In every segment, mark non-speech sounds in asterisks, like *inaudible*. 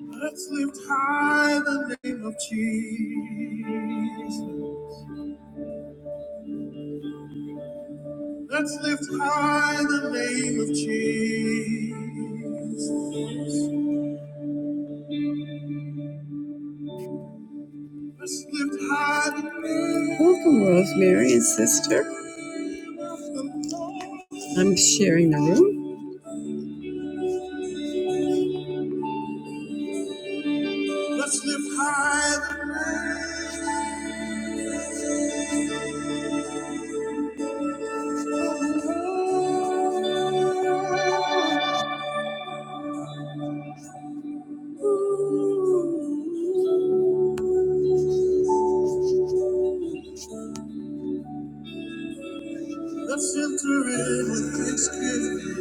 Let's lift high the name of Jesus. Let's lift high the name of Jesus. Let's lift high the name. Welcome, Rosemary and sister. I'm sharing the room. Let's lift high the name. Let's enter in with thanksgiving.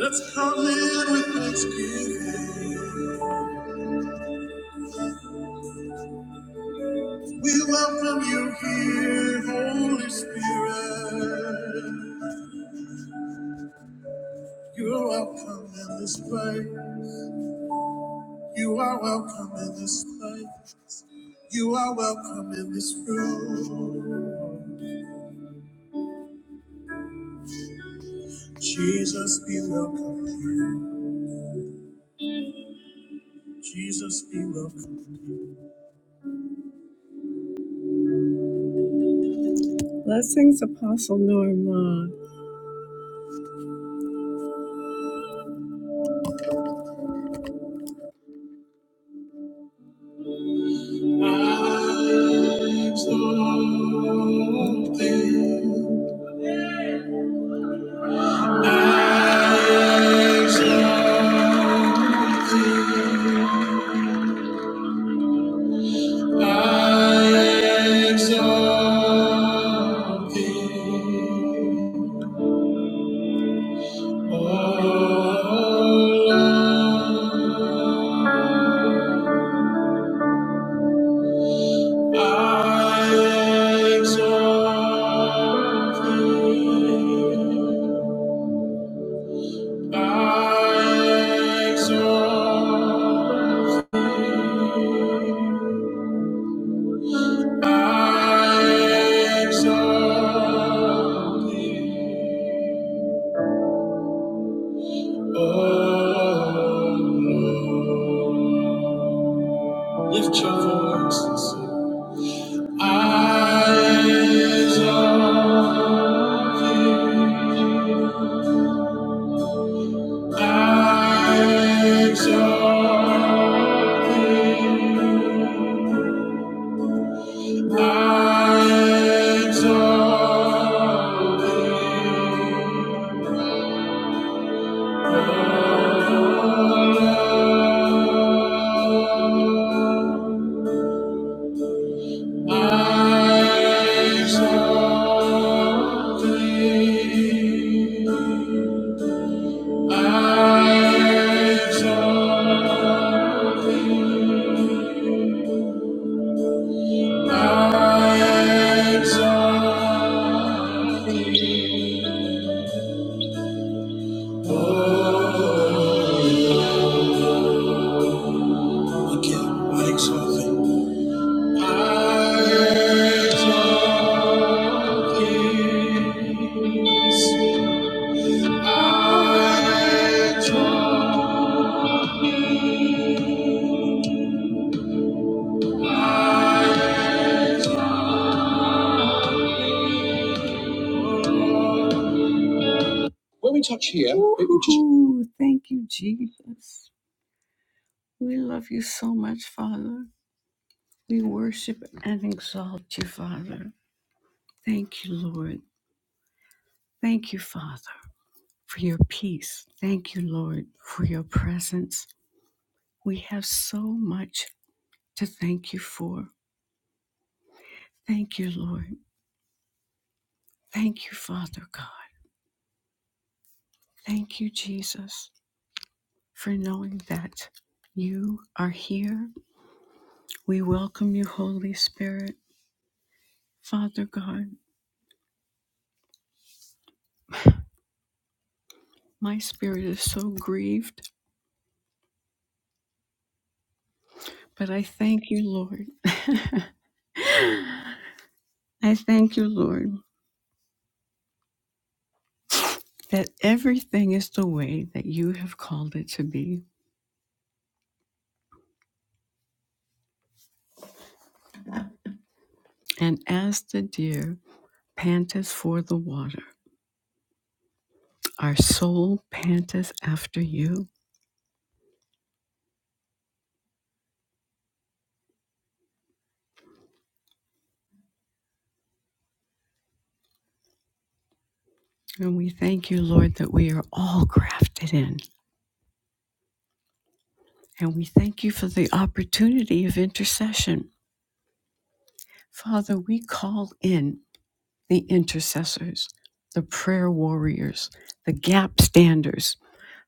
Let's come in with thanksgiving. We welcome you here, Holy Spirit. You're welcome in this place. You are welcome in this place. You are welcome in this room. Jesus be welcome here. Jesus be welcome. Blessings, Apostle Norma. I exalt thee. I exalt I exalt thee, O Lord. I exalt thee. I exalt thee. I exalt thee, O Lord. Lift your voices. Eyes of, you, eyes of, you, eyes of, you, eyes of thee. Eyes of, eyes of thee. Oh, okay, I exalt thee. When we touch here, it will just. Ooh, thank you, Jesus. We love you so much, Father. We worship and exalt you, Father. Thank you, Lord. Thank you, Father, for your peace. Thank you, Lord, for your presence. We have so much to thank you for. Thank you, Lord. Thank you, Father God. Thank you, Jesus, for knowing that you are here. We welcome you, Holy Spirit. Father God, my spirit is so grieved, but I thank you, Lord. *laughs* I thank you, Lord, that everything is the way that you have called it to be. And as the deer panteth for the water, our soul panteth after you. And we thank you, Lord, that we are all grafted in. And we thank you for the opportunity of intercession. Father, we call in the intercessors, the prayer warriors, the gap standers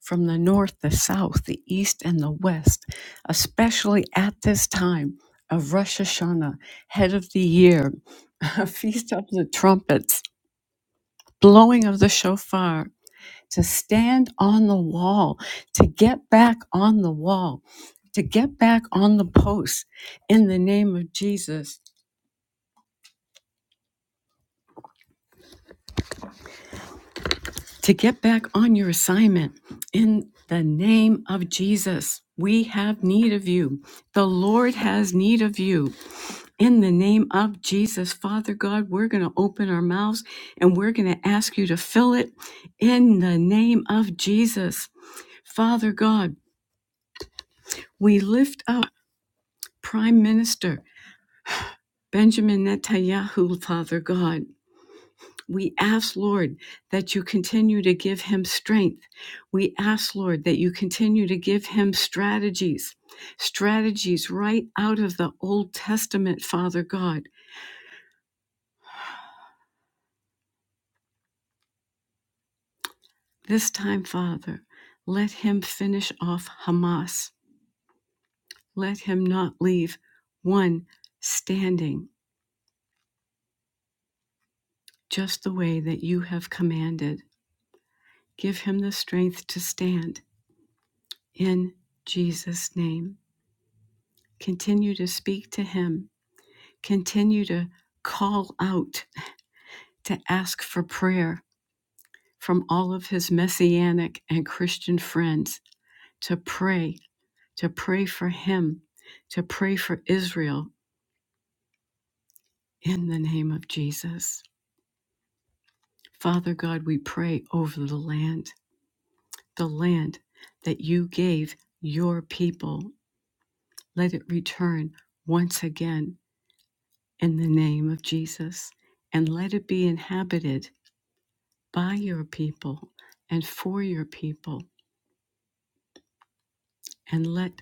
from the north, the south, the east, and the west, especially at this time of Rosh Hashanah, head of the year, *laughs* a feast of the trumpets, blowing of the shofar, to stand on the wall, to get back on the wall, to get back on the post in the name of Jesus, to get back on your assignment in the name of Jesus. We have need of you. The Lord has need of you. In the name of Jesus, Father God, we're going to open our mouths and we're going to ask you to fill it in the name of Jesus. Father God, we lift up Prime Minister Benjamin Netanyahu, Father God, we ask, Lord, that you continue to give him strength. We ask, Lord, that you continue to give him strategies, strategies right out of the Old Testament, Father God. This time, Father, let him finish off Hamas. Let him not leave one standing, just the way that you have commanded. Give him the strength to stand in Jesus' name. Continue to speak to Him. Continue to call out, to ask for prayer from all of His messianic and Christian friends, to pray, to pray for Him, to pray for Israel in the name of Jesus. Father God, we pray over the land, the land that you gave your people. Let it return once again in the name of Jesus, and let it be inhabited by your people and for your people, and let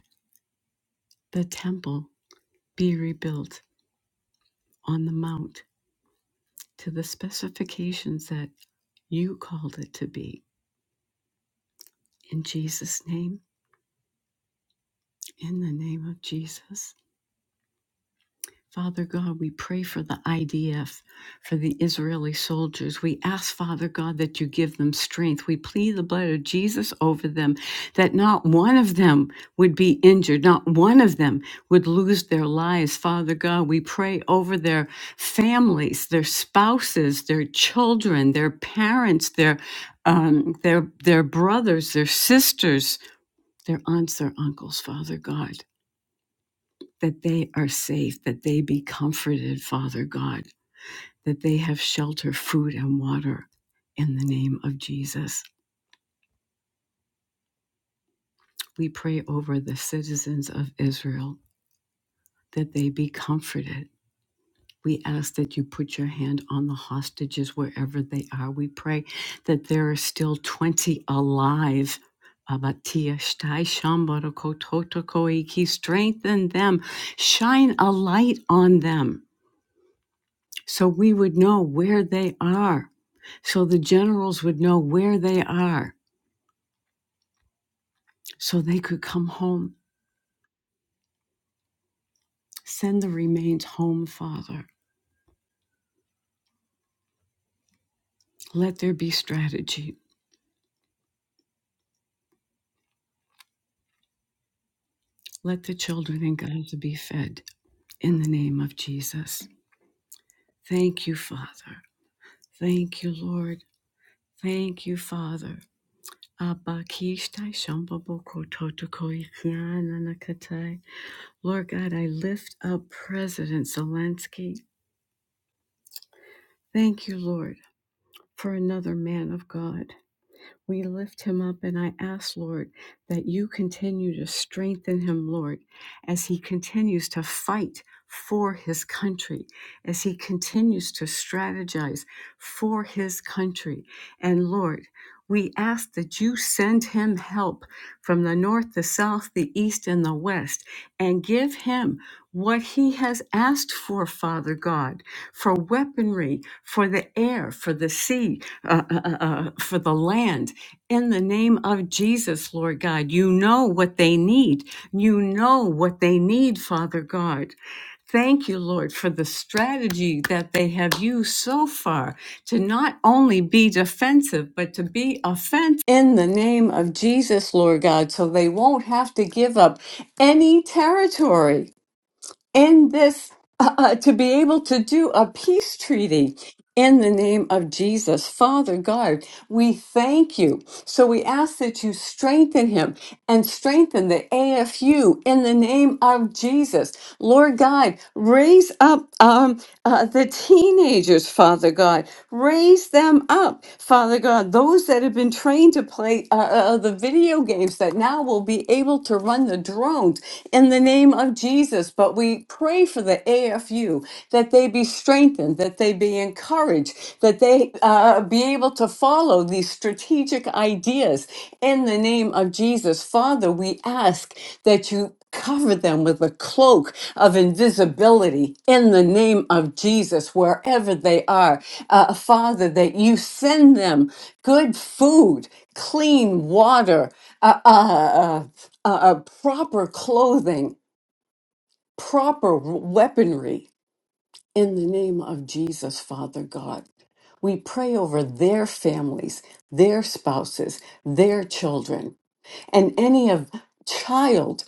the temple be rebuilt on the mount to the specifications that you called it to be. In Jesus' name, in the name of Jesus. Father God, we pray for the IDF, for the Israeli soldiers. We ask, Father God, that you give them strength. We plead the blood of Jesus over them, that not one of them would be injured, not one of them would lose their lives. Father God, we pray over their families, their spouses, their children, their parents, their um, their their brothers, their sisters, their aunts, their uncles, Father God that they are safe, that they be comforted, Father God, that they have shelter, food, and water in the name of Jesus. We pray over the citizens of Israel that they be comforted. We ask that you put your hand on the hostages wherever they are. We pray that there are still 20 alive. Abatia shtai shambaroko totokoiki. Strengthen them, shine a light on them so we would know where they are so the generals would know where they are so they could come home. Send the remains home, Father. Let there be strategy. Let the children in Gaza be fed in the name of Jesus. Thank you, Father. Thank you, Lord. Thank you, Father. Abba kishtai shambaboko totoko ikiananakatai. Lord God, I lift up President Zelensky. Thank you, Lord, for another man of God. We lift him up, and I ask, Lord, that you continue to strengthen him, Lord, as he continues to fight for his country, as he continues to strategize for his country. And Lord, we ask that you send him help from the north, the south, the east, and the west, and give him what he has asked for, Father God, for weaponry, for the air, for the sea, uh, uh, uh, uh, for the land. In the name of Jesus, Lord God, you know what they need. You know what they need, Father God. Thank you, Lord, for the strategy that they have used so far to not only be defensive, but to be offensive in the name of Jesus, Lord God, so they won't have to give up any territory in this *laughs* uh, uh, to be able to do a peace treaty in the name of Jesus. Father God, we thank you. So we ask that you strengthen him and strengthen the AFU in the name of Jesus. Lord God, raise up. um, uh, the teenagers, Father God. Raise them up, Father God. Those that have been trained to play uh, uh, uh, the video games that now will be able to run the drones in the name of Jesus. But we pray for the AFU that they be strengthened, that they be encouraged, that they uh, uh, be able to follow these strategic ideas in the name of Jesus. Father, we ask that you. Cover them with a cloak of invisibility in the name of Jesus, wherever they are. Uh, Father, that you send them good food, clean water, uh, uh, uh, uh, uh, proper clothing, proper weaponry in the name of Jesus, Father God. We pray over their families, their spouses, their children and any of child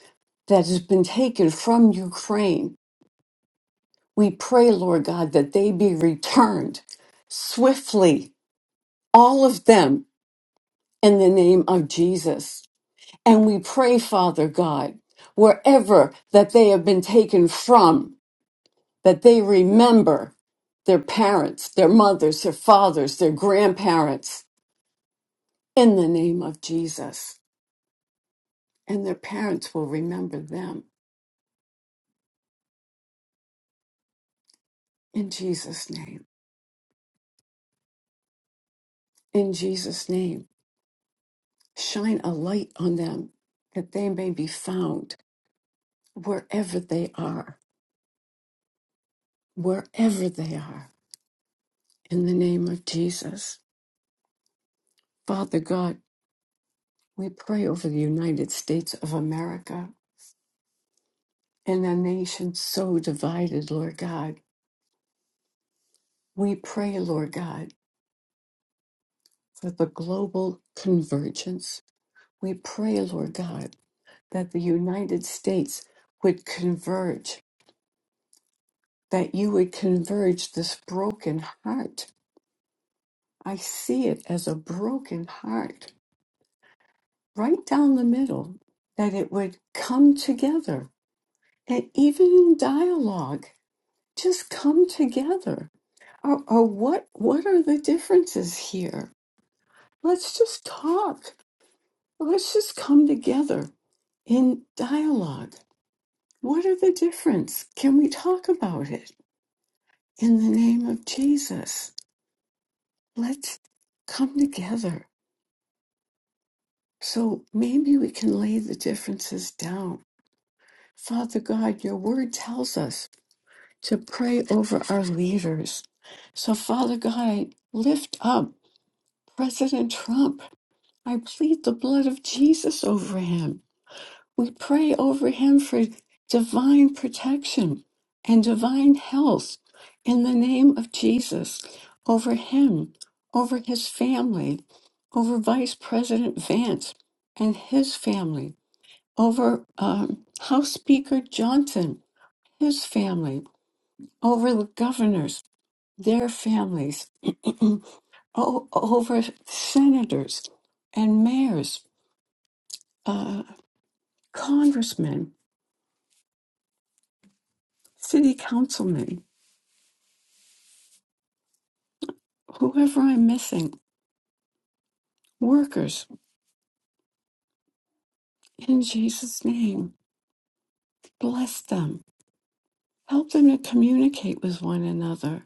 that has been taken from Ukraine, we pray, Lord God, that they be returned swiftly, all of them, in the name of Jesus. And we pray, Father God, wherever that they have been taken from, that they remember their parents, their mothers, their fathers, their grandparents, in the name of Jesus. And their parents will remember them in Jesus' name. in Jesus' name. Shine a light on them that they may be found wherever they are, wherever they are, in the name of Jesus. Father God, we pray over the United States of America and a nation so divided, Lord God. We pray, Lord God, for the global convergence. We pray, Lord God, that the United States would converge, that you would converge this broken heart I see it as a broken heart right down the middle, that it would come together. And even in dialogue, just come together. Or, or what, what are the differences here? Let's just talk. Let's just come together in dialogue. What are the difference? Can we talk about it? In the name of Jesus, let's come together. So maybe we can lay the differences down Father God, your word tells us to pray over our leaders. So, Father God, I lift up President Trump. I plead the blood of Jesus over him. We pray over him for divine protection and divine health in the name of Jesus over him, over his family, over Vice President Vance and his family, over um, House Speaker Johnson his family, over the governors, their families, *clears throat* o- over senators and mayors, uh, congressmen, city councilmen, whoever I'm missing, workers, in Jesus' name, bless them. Help them to communicate with one another.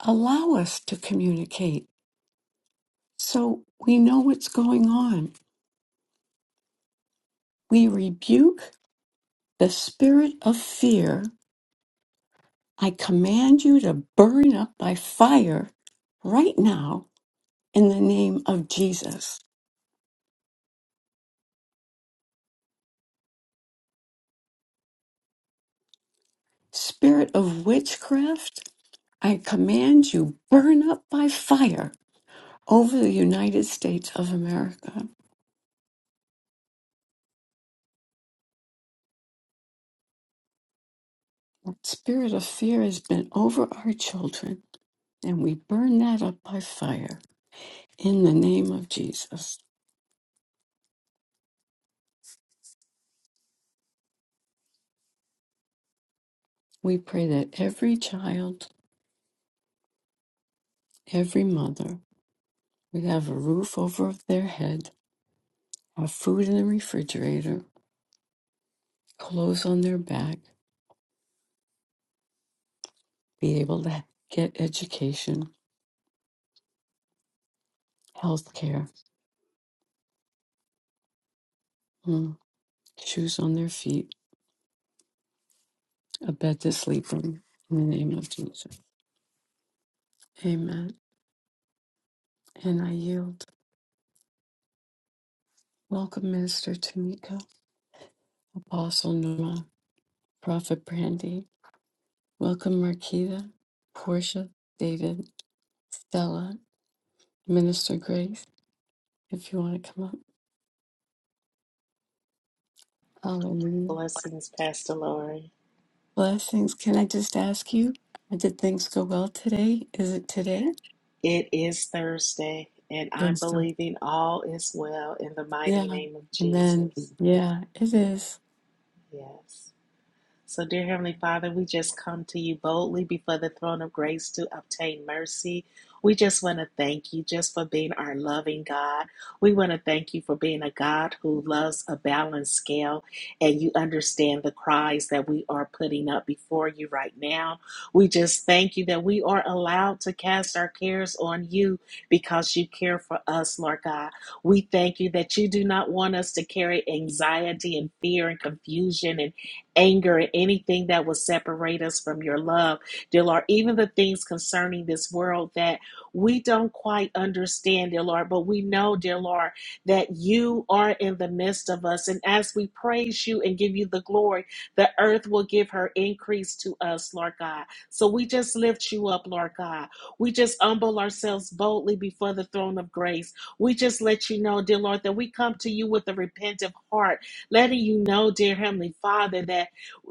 Allow us to communicate so we know what's going on. We rebuke the spirit of fear I command you to burn up by fire right now in the name of Jesus. Spirit of witchcraft, I command you burn up by fire over the United States of America. Spirit of fear has been over our children, and we burn that up by fire in the name of Jesus. We pray that every child, every mother, would have a roof over their head, have food in the refrigerator, clothes on their back, be able to get education, health care, mm, shoes on their feet, a bed to sleep in. In the name of Jesus. Amen. And I yield. Welcome, Minister Tamika, Apostle Numa, Prophet Brandy. Welcome, Marquita, Portia, David, Stella, Minister Grace, if you want to come up. Hallelujah. Blessings, Pastor Lori. Blessings. Can I just ask you, did things go well today? Is it today? It is Thursday, and I'm Yes, believing all is well in the mighty Yeah. name of Amen. Jesus. Yeah, it is. Yes. So, dear Heavenly Father, we just come to you boldly before the throne of grace to obtain mercy. We just want to thank you just for being our loving God. We want to thank you for being a God who loves a balanced scale and you understand the cries that we are putting up before you right now. We just thank you that we are allowed to cast our cares on you because you care for us, Lord God. We thank you that you do not want us to carry anxiety and fear and confusion and anger, and anything that will separate us from your love, dear Lord. Even the things concerning this world that we don't quite understand, dear Lord, but we know, dear Lord, that you are in the midst of us. And as we praise you and give you the glory, the earth will give her increase to us, Lord God. So we just lift you up, Lord God. We just humble ourselves boldly before the throne of grace. We just let you know, dear Lord, that we come to you with a repentant heart, letting you know, dear Heavenly Father, that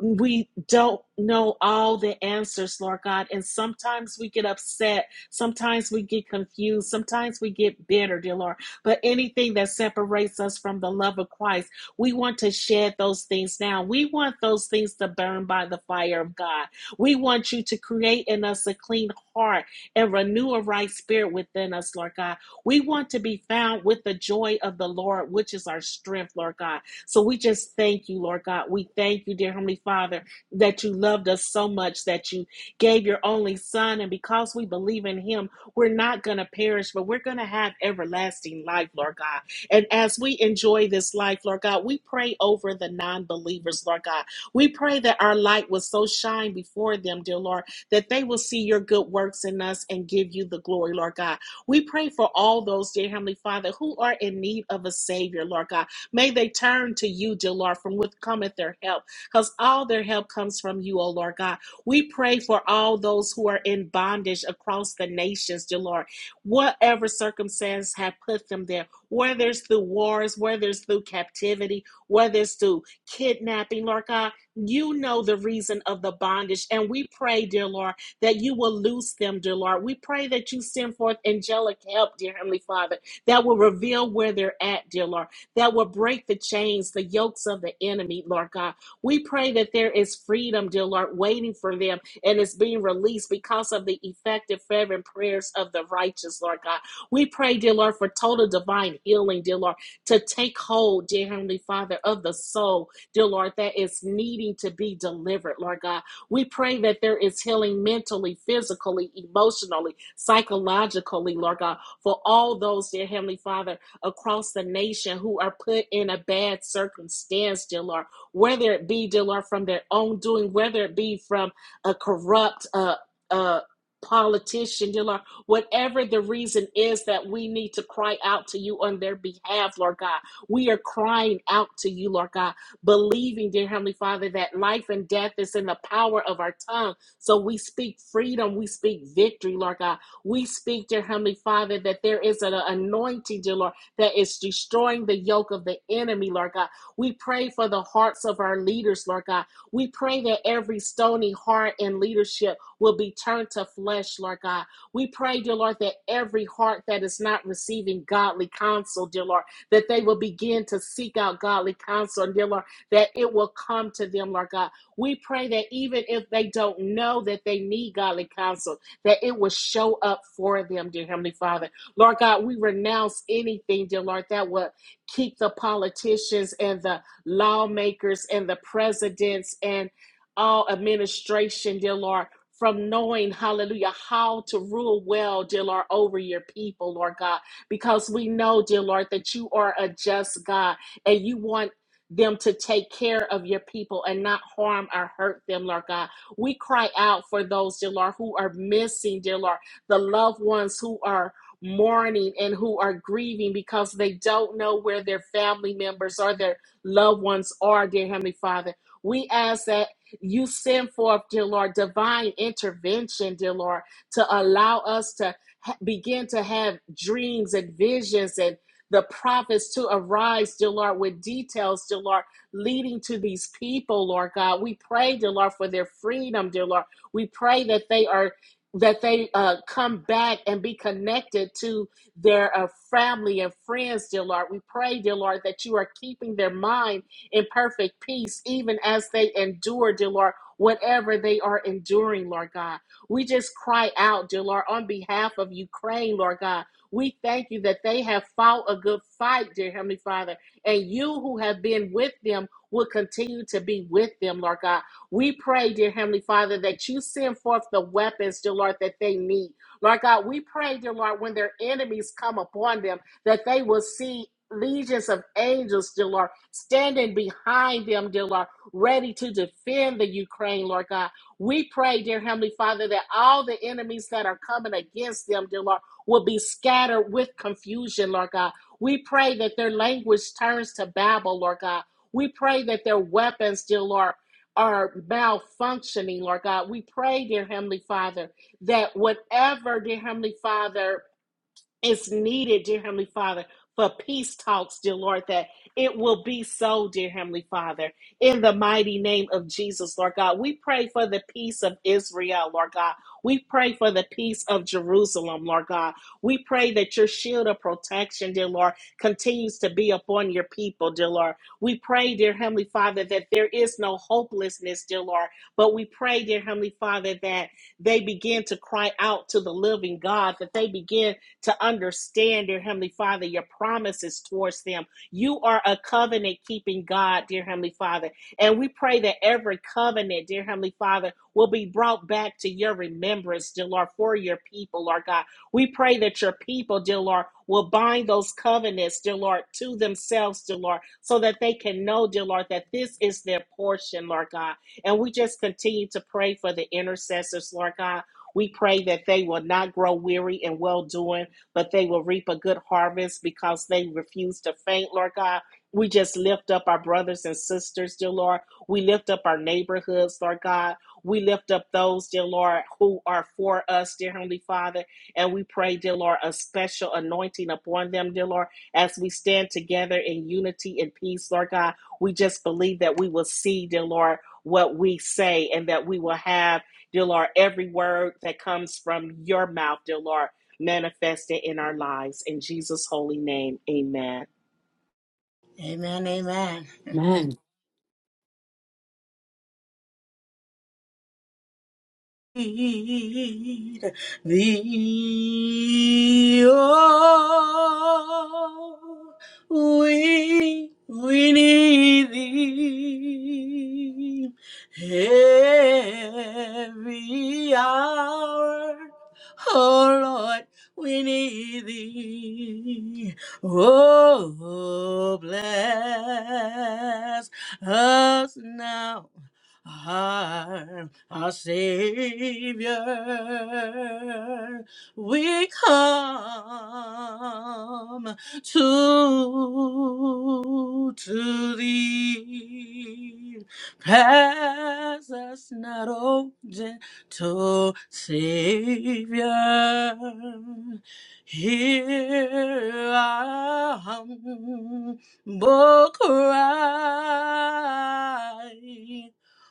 we don't know all the answers, Lord God. And sometimes we get upset. Sometimes we get confused. Sometimes we get bitter, dear Lord. But anything that separates us from the love of Christ, we want to shed those things now. We want those things to burn by the fire of God. We want you to create in us a clean heart and renew a right spirit within us, Lord God. We want to be found with the joy of the Lord, which is our strength, Lord God. So we just thank you, Lord God. We thank you, dear Heavenly Father, that you loved us so much that you gave your only Son. And because we believe in him, we're not going to perish, but we're going to have everlasting life, Lord God. And as we enjoy this life, Lord God, we pray over the non believers, Lord God. We pray that our light will so shine before them, dear Lord, that they will see your good works in us and give you the glory, Lord God. We pray for all those, dear Heavenly Father, who are in need of a Savior, Lord God. May they turn to you, dear Lord, from what cometh their help, because all their help comes from you, O Lord God. We pray for all those who are in bondage across the nations, dear Lord. Whatever circumstance have put them there, whether it's through wars, whether it's through captivity, whether it's through kidnapping, Lord God, you know the reason of the bondage. And we pray, dear Lord, that you will loose them, dear Lord. We pray that you send forth angelic help, dear Heavenly Father, that will reveal where they're at, dear Lord that will break the chains, the yokes of the enemy, Lord God. We pray that there is freedom, dear Lord, waiting for them and it's being released because of the effective, fervent prayers of the righteous, Lord God. We pray, dear Lord, for total divine healing, dear Lord, to take hold, dear Heavenly Father, of the soul, dear Lord, that is needing to be delivered, Lord God. We pray that there is healing mentally, physically, emotionally, psychologically, Lord God, for all those, dear Heavenly Father across the nation who are put in a bad circumstance, dear Lord, whether it be, dear Lord, from their own doing, whether it be from a corrupt, uh, uh, politician, dear Lord, whatever the reason is that we need to cry out to you on their behalf, Lord God. We are crying out to you, Lord God, believing, dear Heavenly Father, that life and death is in the power of our tongue. So we speak freedom, we speak victory, Lord God. We speak, dear Heavenly Father, that there is an anointing, dear Lord, that is destroying the yoke of the enemy, Lord God. We pray for the hearts of our leaders, Lord God. We pray that every stony heart in leadership will be turned to flesh, Lord God. We pray, dear Lord, that every heart that is not receiving godly counsel, dear Lord, that they will begin to seek out godly counsel, and dear Lord, that it will come to them, Lord God. We pray that even if they don't know that they need godly counsel, that it will show up for them, dear Heavenly Father. Lord God, we renounce anything, dear Lord, that would keep the politicians and the lawmakers and the presidents and all administration, dear Lord, from knowing, hallelujah, how to rule well, dear Lord, over your people, Lord God, because we know, dear Lord, that you are a just God and you want them to take care of your people and not harm or hurt them, Lord God. We cry out for those, dear Lord, who are missing, dear Lord, the loved ones who are mourning and who are grieving because they don't know where their family members or their loved ones are, dear Heavenly Father. We ask that you send forth, dear Lord, divine intervention, dear Lord, to allow us to ha- begin to have dreams and visions and the prophets to arise, dear Lord, with details, dear Lord, leading to these people, Lord God. We pray, dear Lord, for their freedom, dear Lord. We pray that they are that they uh, come back and be connected to their uh, family and friends, dear Lord. We pray, dear Lord, that you are keeping their mind in perfect peace, even as they endure, dear Lord, whatever they are enduring, Lord God. We just cry out, dear Lord, on behalf of Ukraine, Lord God. We thank you that they have fought a good fight, dear Heavenly Father, and you who have been with them will continue to be with them, Lord God. We pray, dear Heavenly Father, that you send forth the weapons, dear Lord, that they need. Lord God, we pray, dear Lord, when their enemies come upon them, that they will see legions of angels, dear Lord, standing behind them, dear Lord, ready to defend the Ukraine, Lord God. We pray, dear Heavenly Father, that all the enemies that are coming against them, dear Lord, will be scattered with confusion, Lord God. We pray that their language turns to Babel, Lord God. We pray that their weapons, dear Lord, are malfunctioning, Lord God. We pray, dear Heavenly Father, that whatever, dear Heavenly Father, it's needed, dear Heavenly Father, for peace talks, dear Lord, that it will be so, dear Heavenly Father, in the mighty name of Jesus, Lord God. We pray for the peace of Israel, Lord God. We pray for the peace of Jerusalem, Lord God. We pray that your shield of protection, dear Lord, continues to be upon your people, dear Lord. We pray, dear Heavenly Father, that there is no hopelessness, dear Lord, but we pray, dear Heavenly Father, that they begin to cry out to the living God, that they begin to understand, dear Heavenly Father, your promises towards them. You are a covenant keeping God, dear Heavenly Father. And we pray that every covenant, dear Heavenly Father, will be brought back to your remembrance, dear Lord, for your people, Lord God. We pray that your people, dear Lord, will bind those covenants, dear Lord, to themselves, dear Lord, so that they can know, dear Lord, that this is their portion, Lord God. And we just continue to pray for the intercessors, Lord God. We pray that they will not grow weary in well doing but they will reap a good harvest because they refuse to faint, Lord God. We just lift up our brothers and sisters, dear Lord. We lift up our neighborhoods, Lord God. We lift up those, dear Lord, who are for us, dear Heavenly Father. And we pray, dear Lord, a special anointing upon them, dear Lord, as we stand together in unity and peace, Lord God. We just believe that we will see, dear Lord, what we say and that we will have, dear Lord, every word that comes from your mouth, dear Lord manifested in our lives. In Jesus' holy name, amen. Amen, amen. Amen. Need thee, oh, we, we need thee every hour. Oh Lord, we need thee. Oh, bless us now our, our Savior. We come to, to thee. Pass us not, O gentle Savior. Hear our humble cry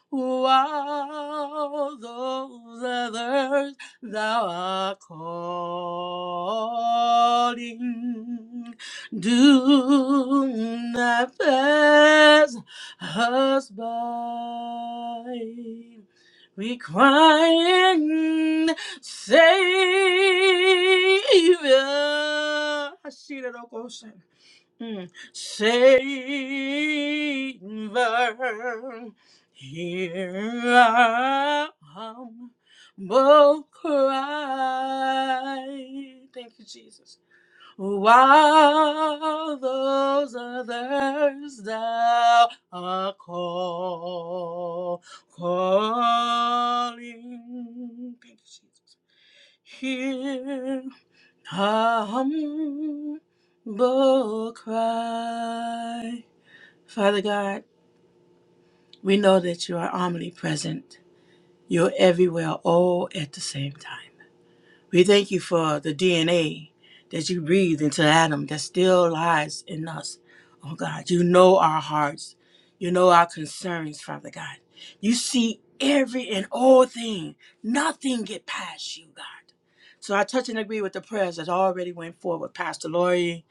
while those others thou art calling. Do not pass us by. Requiring Savior. Hashira Mm. Savior, here I am, bold cry. Thank you, Jesus. While those others thou art call, calling. Thank you, Jesus. Here a humble cry. Father God, we know that you are omnipresent. You're everywhere, all at the same time. We thank you for the DNA that you breathed into Adam that still lies in us. Oh God, you know our hearts. You know our concerns, Father God. You see every and all thing. Nothing get past you, God. So I touch and agree with the prayers that already went forward, Pastor Lori,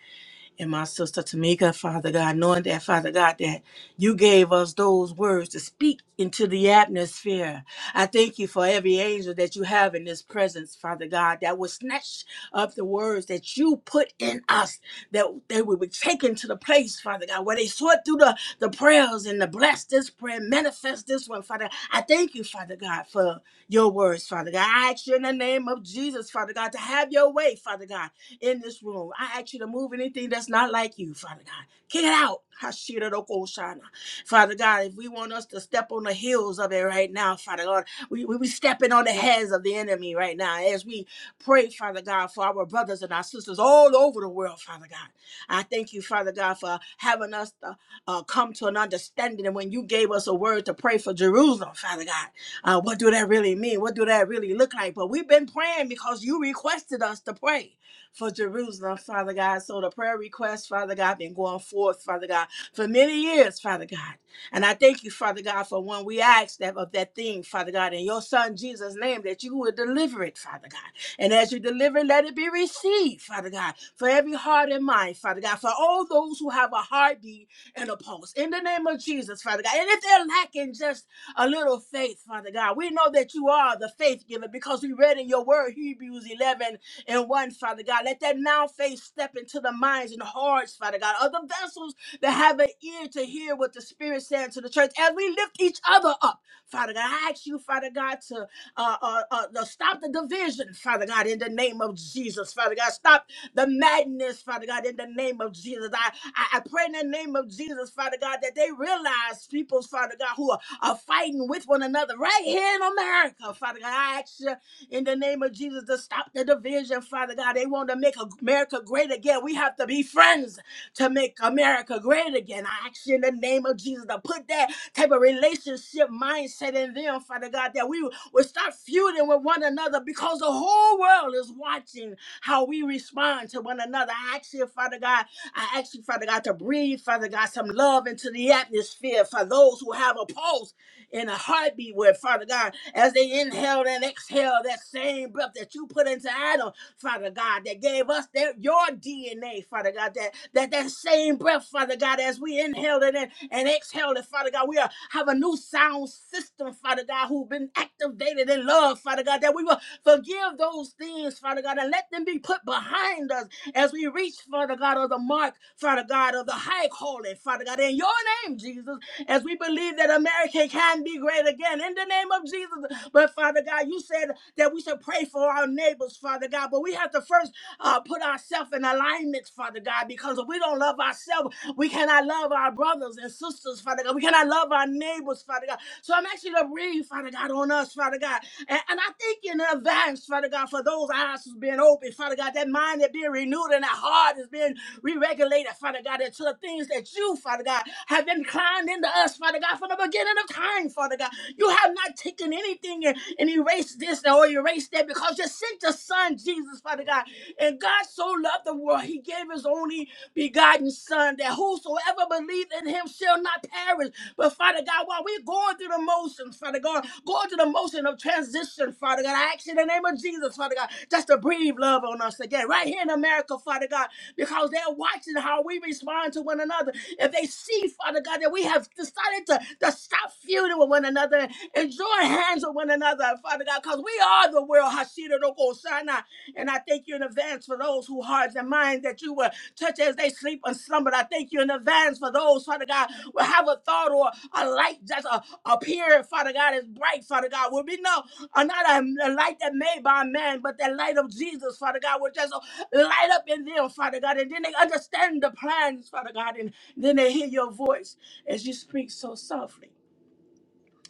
and my sister Tamika, Father God, knowing that, Father God, that you gave us those words to speak into the atmosphere. I thank you for every angel that you have in this presence, Father God, that will snatch up the words that you put in us, that they will be taken to the place, Father God, where they sort through the, the prayers and the bless this prayer, manifest this one, Father. I thank you, Father God, for your words, Father God. I ask you in the name of Jesus, Father God, to have your way, Father God in this room. I ask you to move anything that's not like you, Father God. Kick it out. Hashiroko-shana. Father God, if we want us to step on the heels of it right now, Father God, we, we, we stepping on the heads of the enemy right now as we pray, Father God, for our brothers and our sisters all over the world, Father God. I thank you, Father God, for having us to, uh, come to an understanding. And when you gave us a word to pray for Jerusalem, Father God, uh, what do that really mean? What do that really look like? But we've been praying because you requested us to pray for Jerusalem, Father God. So the prayer request, Father God, been going forth, Father God, for many years, Father God. And I thank you, Father God, for when we asked that of that thing, Father God, in your Son Jesus' name, that you would deliver it, Father God. And as you deliver, it, let it be received, Father God, for every heart and mind, Father God, for all those who have a heartbeat and a pulse. In the name of Jesus, Father God. And if they're lacking just a little faith, Father God, we know that you are the faith giver because we read in your word, Hebrews 11 and one, Father God. Let that now faith step into the minds and hearts, Father God, of the vessels that have an ear to hear what the Spirit said to the church as we lift each other up, Father God. I ask you, Father God, to uh, uh, uh, to stop the division, Father God, in the name of Jesus, Father God. Stop the madness, Father God, in the name of Jesus. I, I, I pray in the name of Jesus, Father God, that they realize people, Father God, who are, are fighting with one another right here in America, Father God. I ask you in the name of Jesus to stop the division, Father God. They want to make America great again. We have to be friends to make America great again. I ask you in the name of Jesus to put that type of relationship mindset in them, Father God, that we will start feuding with one another because the whole world is watching how we respond to one another. I ask you, Father God, I ask you, Father God, to breathe, Father God, some love into the atmosphere for those who have a pulse and a heartbeat with, Father God as they inhaled and exhaled that same breath that you put into Adam, Father God, that gave us their, your DNA, Father God, that, that that same breath, Father God, as we inhaled it and, and exhaled it, Father God, we are, have a new sound system, Father God, who've been activated in love, Father God, that we will forgive those things, Father God, and let them be put behind us as we reach, Father God, of the mark, Father God, of the high calling, Father God, in your name, Jesus as we believe that America can be great again in the name of Jesus. But Father God, you said that we should pray for our neighbors, Father God. But we have to first uh, put ourselves in alignment, Father God, because if we don't love ourselves, we cannot love our brothers and sisters, Father God. We cannot love our neighbors, Father God. So I'm actually going to breathe, Father God, on us, Father God. And, and I thank you in advance, Father God, for those eyes who's being opened, Father God, that mind that being renewed and that heart is being re-regulated, Father God, into the things that you, Father God, have inclined into us, Father God, from the beginning of time, Father God. You have not taken anything and, and erased this or erased that because you sent your son, Jesus, Father Father God. And God so loved the world, he gave his only begotten son that whosoever believes in him shall not perish. But Father God, while we're going through the motions, Father God, going through the motion of transition, Father God, I ask you in the name of Jesus, Father God, just to breathe love on us again, right here in America, Father God, because they're watching how we respond to one another. If they see, Father God, that we have decided to, to stop feuding with one another and join hands with one another, Father God, because we are the world, Hashira Roko Sana. And I thank you in advance for those who hearts and minds that you will touch as they sleep and slumber. I thank you in advance for those, Father God, will have a thought or a light that's a, appear, Father God, is bright, Father God. Will be no, uh, not a, a light that made by man, but that light of Jesus, Father God, will just uh, light up in them, Father God. And then they understand the plans, Father God, and then they hear your voice as you speak so softly.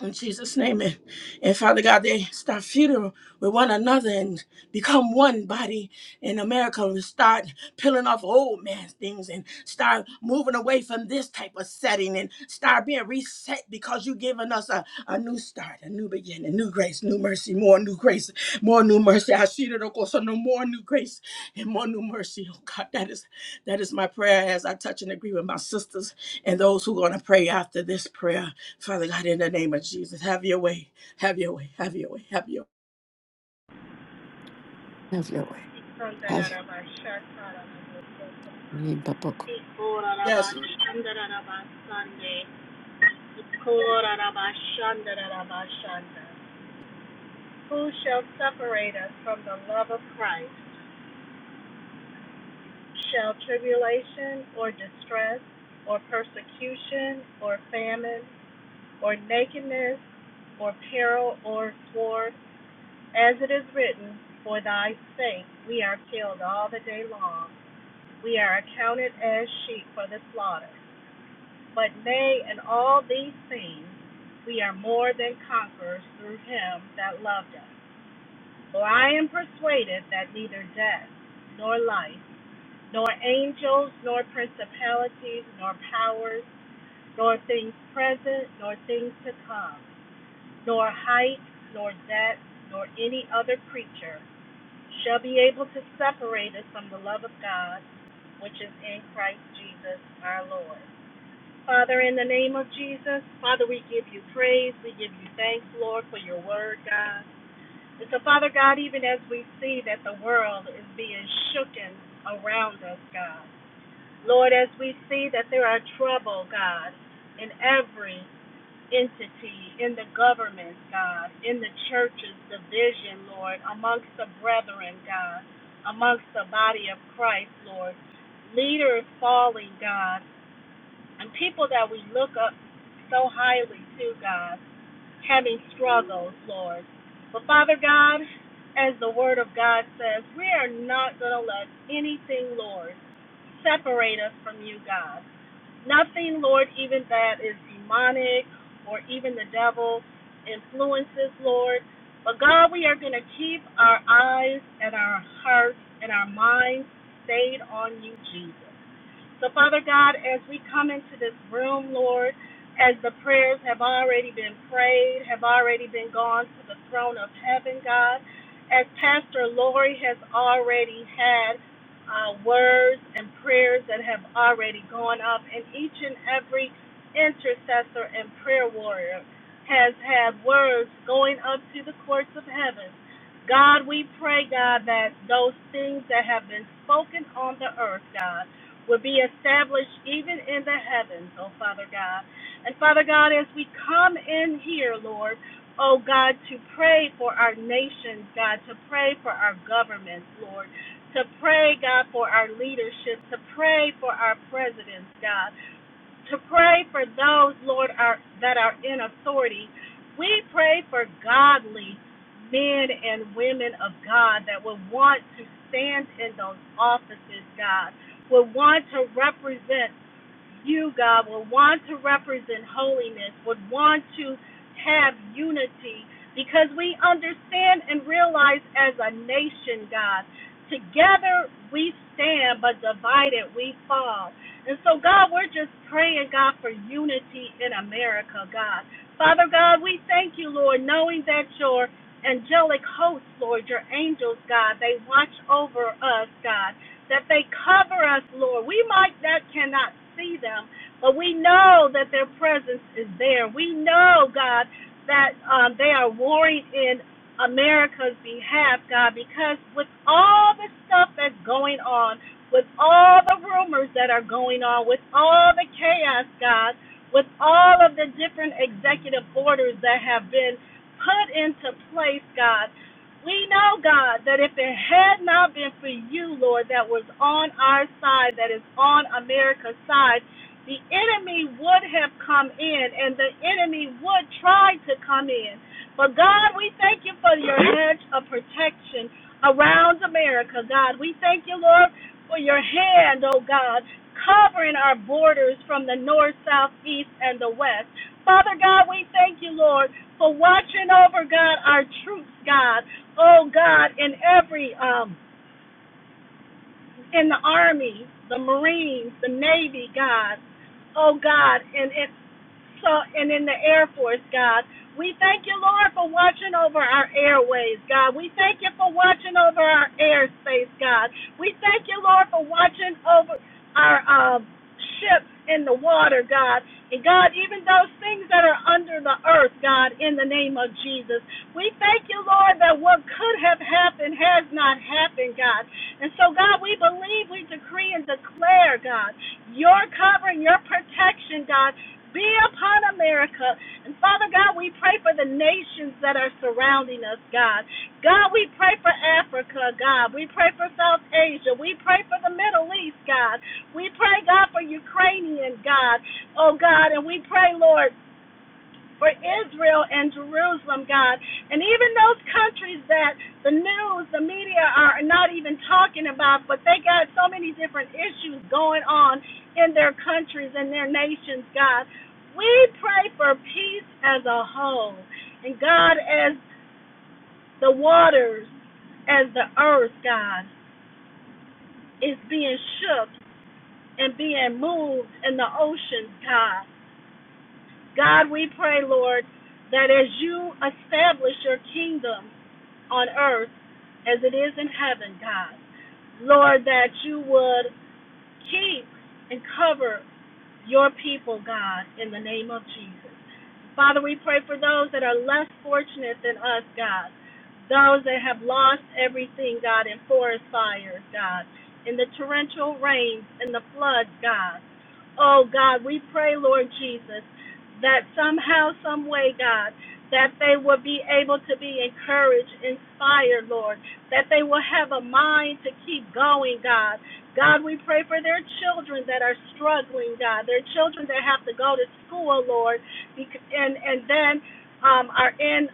In Jesus' name. And, and Father God, they start feuding with one another and become one body in America. We start peeling off old man's things and start moving away from this type of setting and start being reset because you've given us a, a new start, a new beginning, new grace, new mercy, more new grace, more new mercy. I see that, of course, so no more new grace and more new mercy. Oh God, that is that is my prayer as I touch and agree with my sisters and those who are going to pray after this prayer. Father God, in the name of Jesus, have your way, have your way, have your way, have your way. Have your way. Have your way, Babuch. Yes. Lord. Who shall separate us from the love of Christ? Shall tribulation or distress or persecution or famine or nakedness or peril or sword? As it is written, For thy sake we are killed all the day long. We are accounted as sheep for the slaughter. But nay, in all these things, we are more than conquerors through him that loved us. For I am persuaded that neither death, nor life, nor angels, nor principalities, nor powers, nor things present, nor things to come, nor height, nor depth, nor any other creature shall be able to separate us from the love of God, which is in Christ Jesus our Lord. Father, in the name of Jesus, Father, we give you praise. We give you thanks, Lord, for your word, God. And so, Father God, even as we see that the world is being shooken around us, God. Lord, as we see that there are trouble, God, in every entity, in the government, God, in the churches, division, Lord, amongst the brethren, God, amongst the body of Christ, Lord leaders falling, God, and people that we look up so highly to, God, having struggles, Lord. But Father God, as the Word of God says, we are not going to let anything, Lord, separate us from you, God. Nothing, Lord, even that is demonic or even the devil influences, Lord. But God, we are going to keep our eyes and our hearts and our minds stayed on you, Jesus. So, Father God, as we come into this room, Lord, as the prayers have already been prayed, have already been gone to the throne of heaven, God, as Pastor Lori has already had uh, words and prayers that have already gone up, and each and every intercessor and prayer warrior has had words going up to the courts of heaven. God, we pray, God, that those things that have been spoken on the earth, God, will be established even in the heavens, oh Father God. And Father God, as we come in here, Lord, oh God, to pray for our nations, God, to pray for our governments, Lord, to pray, God, for our leadership, to pray for our presidents, God to pray for those, Lord, are, that are in authority. We pray for godly men and women of God that will want to stand in those offices, God, will want to represent you, God, would want to represent holiness, would want to have unity, because we understand and realize as a nation, God, together we stand, but divided we fall. And so, God, we're just praying, God, for unity in America, God. Father God, we thank you, Lord, knowing that your angelic hosts, Lord, your angels, God, they watch over us, God that they cover us, Lord. We might not cannot see them, but we know that their presence is there. We know, God, that um, they are warring in America's behalf, God, because with all the stuff that's going on, with all the rumors that are going on, with all the chaos, God, with all of the different executive orders that have been put into place, God, we know, God, that if it had not been for you, Lord, that was on our side, that is on America's side, the enemy would have come in and the enemy would try to come in. But God, we thank you for your hedge of protection around America, God. We thank you, Lord, for your hand, oh God, covering our borders from the north, south, east, and the west. Father God, we thank you, Lord, for watching over, God, our troops, God. Oh God, in every um in the army, the Marines, the Navy, God. Oh God, and. in so and in the Air Force, God. We thank you, Lord, for watching over our airways, God. We thank you for watching over our airspace, God. We thank you, Lord, for watching over our uh, ships in the water, God. And God, even those things that are under the earth, God, in the name of Jesus. We thank you, Lord, that what could have happened has not happened, God. And so, God, we believe, we decree and declare, God, your covering, your protection, God be upon America. And Father God, we pray for the nations that are surrounding us, God. God, we pray for Africa, God. We pray for South Asia. We pray for the Middle East, God. We pray, God, for Ukrainian, God. Oh, God. And we pray, Lord, for Israel and Jerusalem, God. And even those countries that the news, the media are not even talking about, but they got so many different issues going on in their countries and their nations, God. We pray for peace as a whole. And God, as the waters, as the earth, God, is being shook and being moved in the oceans, God. God, we pray, Lord, that as you establish your kingdom, on earth as it is in heaven, God. Lord, that you would keep and cover your people, God, in the name of Jesus. Father, we pray for those that are less fortunate than us, God. Those that have lost everything, God, in forest fires, God, in the torrential rains, in the floods, God. Oh, God, we pray, Lord Jesus, that somehow, some way, God, that they will be able to be encouraged, inspired, Lord, that they will have a mind to keep going, God. God, we pray for their children that are struggling, God, their children that have to go to school, Lord and and then um, are in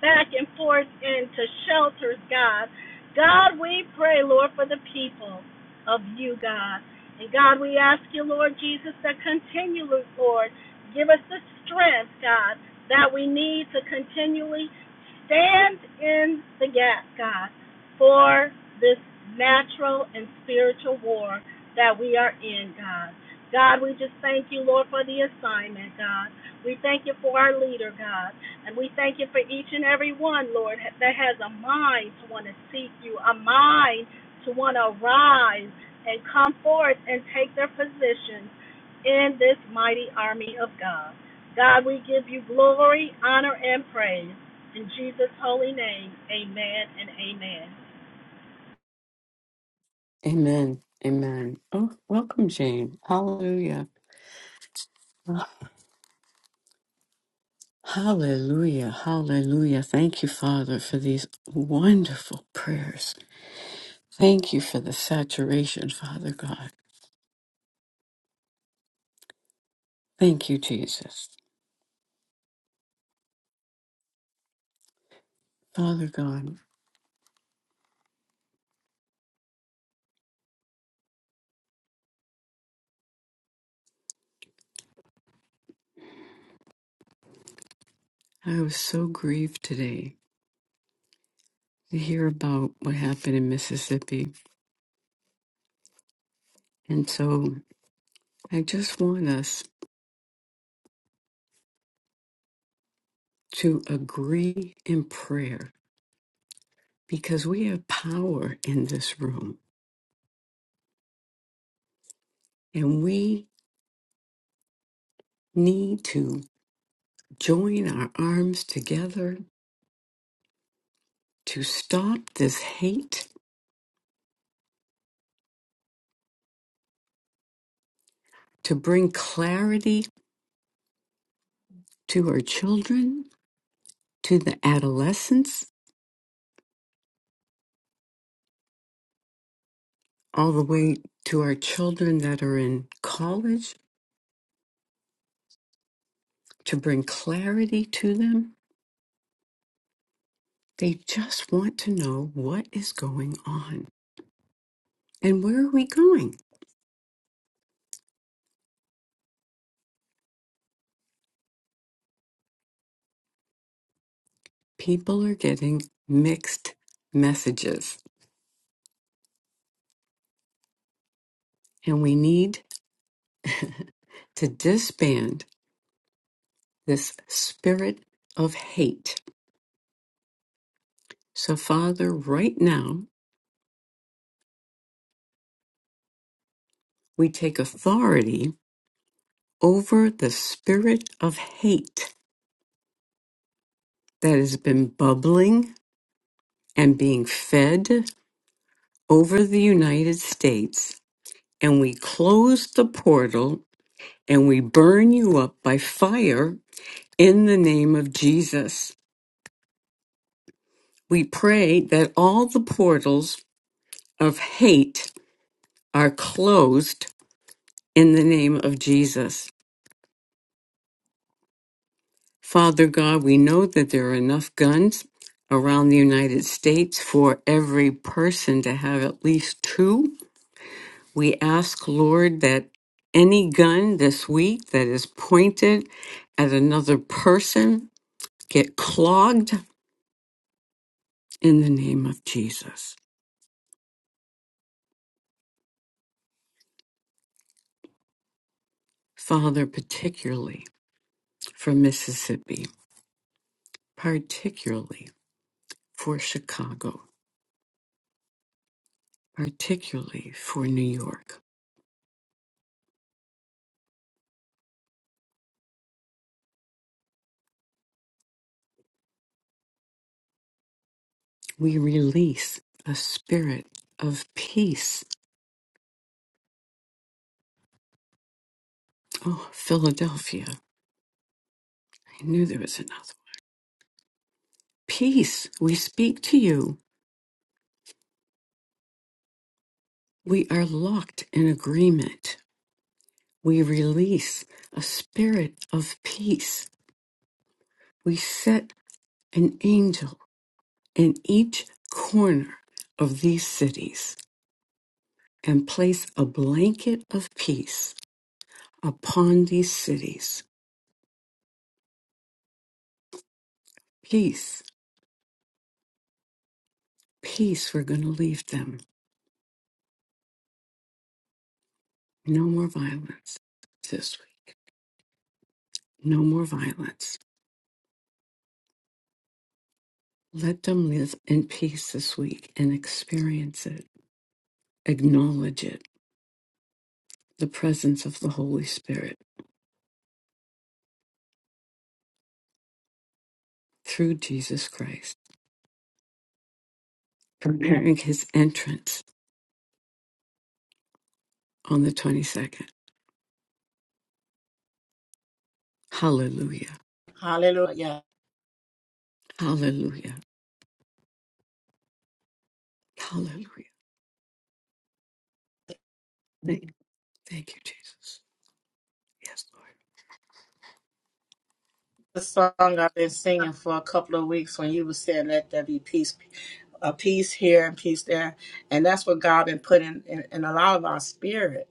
back and forth into shelters, God. God, we pray, Lord, for the people of you, God. And God, we ask you, Lord Jesus, that continually, Lord, give us the strength, God, that we need to continually stand in the gap, God, for this natural and spiritual war that we are in, God. God, we just thank you, Lord, for the assignment, God. We thank you for our leader, God. And we thank you for each and every one, Lord, that has a mind to want to seek you, a mind to want to rise and come forth and take their positions in this mighty army of God. God, we give you glory, honor, and praise. In Jesus' holy name, amen and amen. Amen. Amen. Oh, welcome, Jane. Hallelujah. Ah, Hallelujah. Hallelujah. Thank you, Father, for these wonderful prayers. Thank you for the saturation, Father God. Thank you, Jesus. Father God, I was so grieved today to hear about what happened in Mississippi. And so I just want us to agree in prayer because we have power in this room and we need to join our arms together to stop this hate, to bring clarity to our children, to the adolescents, all the way to our children that are in college, to bring clarity to them. They just want to know what is going on and where are we going? people are getting mixed messages, and we need to disband this spirit of hate. So, Father, right now, we take authority over the spirit of hate that has been bubbling and being fed over the United States, and we close the portal and we burn you up by fire in the name of Jesus. We pray that all the portals of hate are closed in the name of Jesus. Father God, we know that there are enough guns around the United States for every person to have at least two. We ask, Lord, that any gun this week that is pointed at another person get clogged in the name of Jesus. Father, particularly for Mississippi, particularly. for Chicago, particularly for New York. We release a spirit of peace. Oh, Philadelphia. I knew there was another. one. Peace. We speak to you. We are locked in agreement. We release a spirit of peace. We set an angel in each corner of these cities and place a blanket of peace upon these cities. Peace Peace, we're going to leave them. No more violence this week. No more violence. Let them live in peace this week and experience it. Acknowledge it, the presence of the Holy Spirit through Jesus Christ, preparing his entrance on the 22nd. Hallelujah. Hallelujah. Yes. Hallelujah. Hallelujah. Thank, thank you, Jesus. Yes, Lord. The song I've been singing for a couple of weeks when you were saying, let there be peace, a peace here and peace there. And that's what God been putting in, in a lot of our spirit.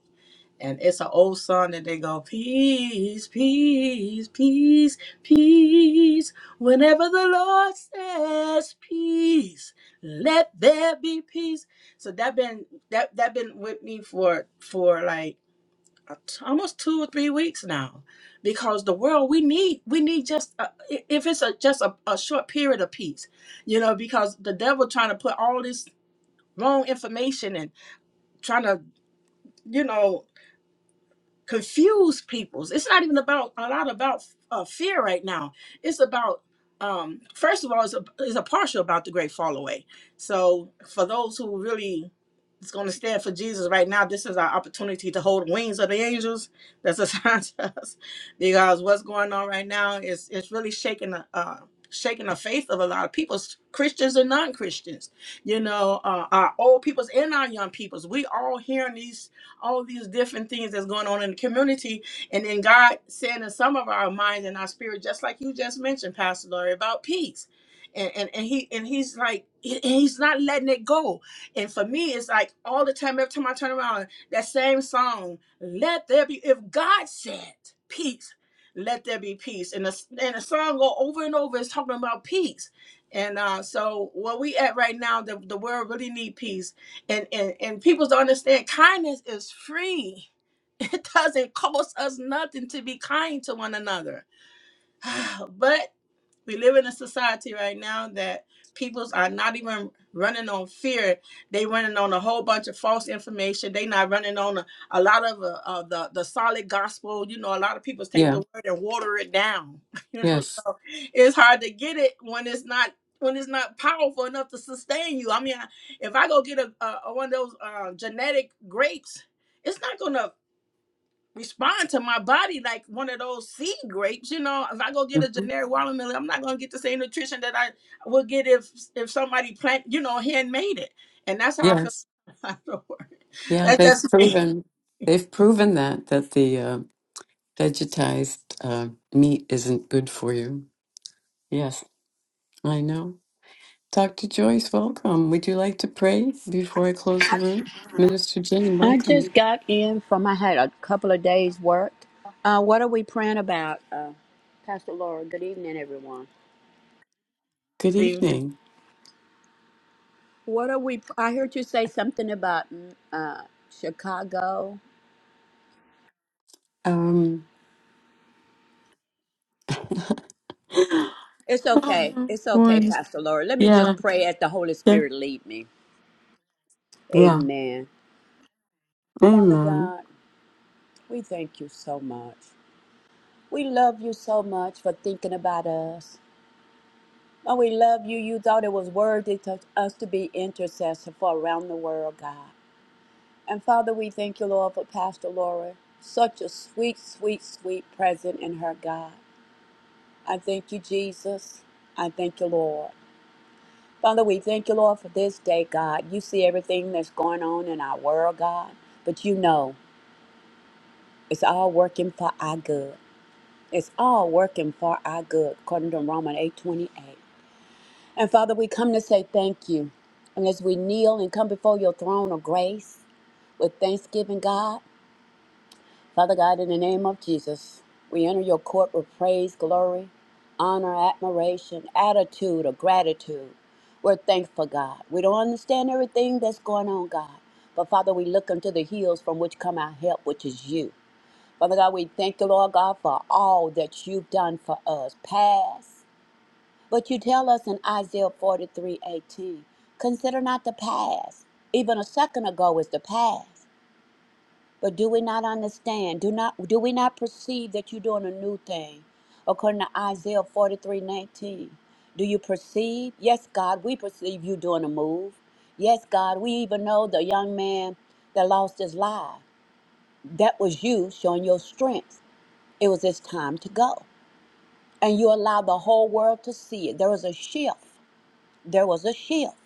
And it's an old song that they go, peace, peace, peace, peace. Whenever the Lord says peace, let there be peace. So that been that that been with me for for like a t- almost two or three weeks now, because the world we need we need just a, i- if it's a just a, a short period of peace, you know, because the devil trying to put all this wrong information and trying to you know confuse peoples. It's not even about a lot about uh, fear right now. It's about um, first of all, it's a, it's a partial about the great fall away. So for those who really is going to stand for Jesus right now, this is our opportunity to hold wings of the angels. That's assigned *laughs* to us because what's going on right now is it's really shaking the. Uh, shaking the faith of a lot of people christians and non-christians you know uh, our old peoples and our young peoples we all hearing these all these different things that's going on in the community. And then God saying in some of our minds and our spirit, just like you just mentioned, Pastor Lori, about peace. And, and, and he and he's like he- he's not letting it go. And for me, it's like all the time, every time I turn around, that same song, let there be if God said peace, let there be peace. And the and the song go over and over, it's talking about peace. And uh, so where we at right now, the, the world really need peace and and and people don't understand kindness is free *laughs* it doesn't cost us nothing to be kind to one another *sighs* but we live in a society right now that peoples are not even running on fear. They running on a whole bunch of false information. They not running on a, a lot of uh, uh, the the solid gospel. You know, a lot of people take the Yeah. word and water it down. *laughs* You know, Yes. so it's hard to get it when it's not when it's not powerful enough to sustain you. I mean, I- if I go get a, a a one of those uh, genetic grapes, it's not gonna respond to my body like one of those seed grapes. You know, if I go get a hmm generic watermelon, I'm not gonna get the same nutrition that I would get if if somebody plant, you know, handmade it. And that's how I feel Yes. *laughs* about the word. Yeah. That's They've just me. proven they've proven that that the uh, vegetized uh, meat isn't good for you. Yes, I know. Dr. Joyce, welcome. Would you like to pray before I close the room? Minister Jane, I welcome. just got in from, I had a couple of days' work. Uh, what are we praying about, uh, Pastor Laura? Good evening, everyone. Good Amen. evening. What are we, I heard you say something about mm, uh, Chicago. Um, *gasps* It's okay. *laughs* It's okay, Lord, Pastor Laura. Let me yeah, just pray as the Holy yeah, Spirit lead me. yeah. Amen. Father Amen. God, we thank you so much. We love you so much for thinking about us. Oh, we love you. You thought it was worthy to us to be intercessor for around the world, God. And Father, we thank you, Lord, for Pastor Laura. Such a sweet, sweet, sweet present in her, God. I thank you, Jesus. I thank you, Lord. Father, we thank you, Lord, for this day, God. You see everything that's going on in our world, God. But you know, it's all working for our good. It's all working for our good, according to Romans eight twenty eight. And Father, we come to say thank you. And as we kneel and come before your throne of grace with thanksgiving, God, Father God, in the name of Jesus, we enter your court with praise, glory, honor, admiration, attitude of gratitude. We're thankful, God. We don't understand everything that's going on, God. But Father, we look unto the hills from which come our help, which is you. Father God, we thank you, Lord God, for all that you've done for us, past. But you tell us in Isaiah forty-three eighteen, consider not the past. Even a second ago is the past. But do we not understand? Do not do we not perceive that you're doing a new thing? According to Isaiah 43:19? Do you perceive? Yes, God, we perceive you doing a move. Yes, God, we even know the young man that lost his life. That was you showing your strength. It was his time to go. And you allowed the whole world to see it. There was a shift. There was a shift.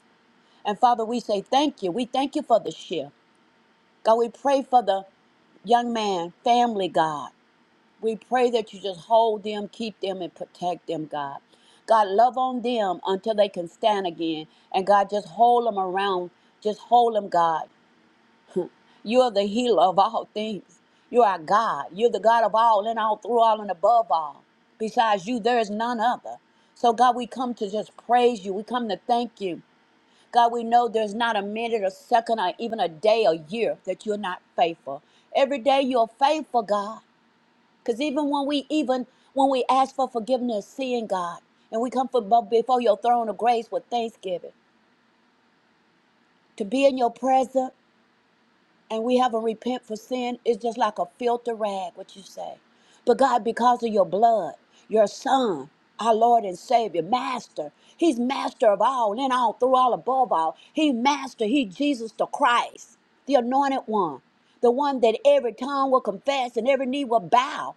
And Father, we say thank you. We thank you for the shift. God, we pray for the young man, family, God. We pray that you just hold them, keep them, and protect them, God. God, love on them until they can stand again. And God, just hold them around. Just hold them, God. *laughs* You are the healer of all things. You are God. You're the God of all and all, through all, and above all. Besides you, there is none other. So, God, we come to just praise you. We come to thank you. God, we know there's not a minute, a second, or even a day, a year that you're not faithful. Every day you're faithful, God. Because even when we even when we ask for forgiveness, seeing God, and we come for, before your throne of grace with thanksgiving, to be in your presence and we haven't repent for sin is just like a filter rag, what you say. But God, because of your blood, your son, our Lord and Savior, Master, He's Master of all, in all, through all, above all. He Master, He Jesus the Christ, the anointed one, the one that every tongue will confess and every knee will bow.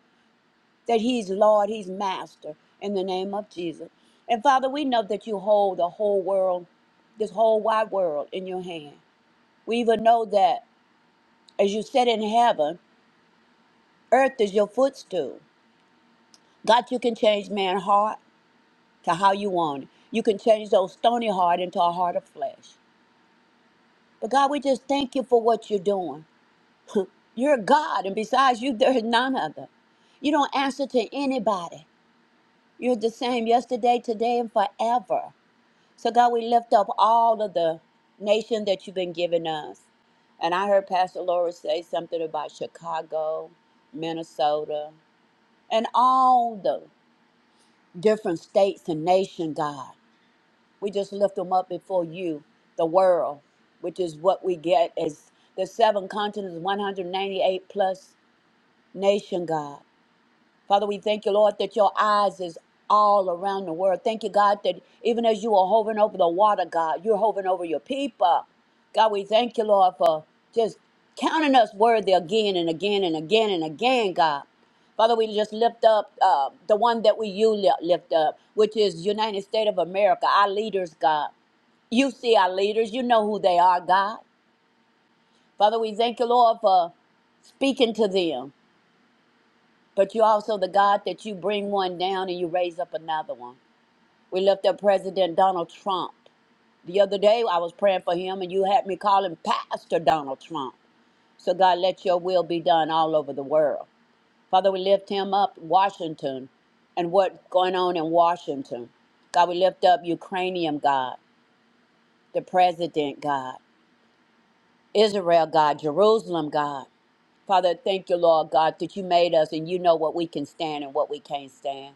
that He's Lord, He's Master in the name of Jesus. And Father, we know that you hold the whole world, this whole wide world in your hand. We even know that as you sit in heaven, earth is your footstool. God, you can change man's heart to how you want it. You can change those stony heart into a heart of flesh. But God, we just thank you for what you're doing. You're God, and besides you, *laughs* there is none other. You don't answer to anybody. You're the same yesterday, today, and forever. So, God, we lift up all of the nation that you've been giving us. And I heard Pastor Laura say something about Chicago, Minnesota, and all the different states and nation, God. We just lift them up before you, the world, which is what we get as the seven continents, 198 plus nation, God. Father, we thank you, Lord, that your eyes is all around the world. Thank you, God, that even as you are hovering over the water, God, you're hovering over your people. God, we thank you, Lord, for just counting us worthy again and again and again and again, God. Father, we just lift up uh, the one that we you li- lift up, which is United States of America, our leaders, God. You see our leaders. You know who they are, God. Father, we thank you, Lord, for speaking to them. But you also the God that you bring one down and you raise up another one. We left up President Donald Trump. The other day I was praying for him and you had me call him Pastor Donald Trump. So God, let your will be done all over the world. Father, we lift him up, Washington, and what's going on in Washington. God, we lift up Ukrainian God, the president God, Israel God, Jerusalem God. Father, thank you, Lord God, that you made us and you know what we can stand and what we can't stand.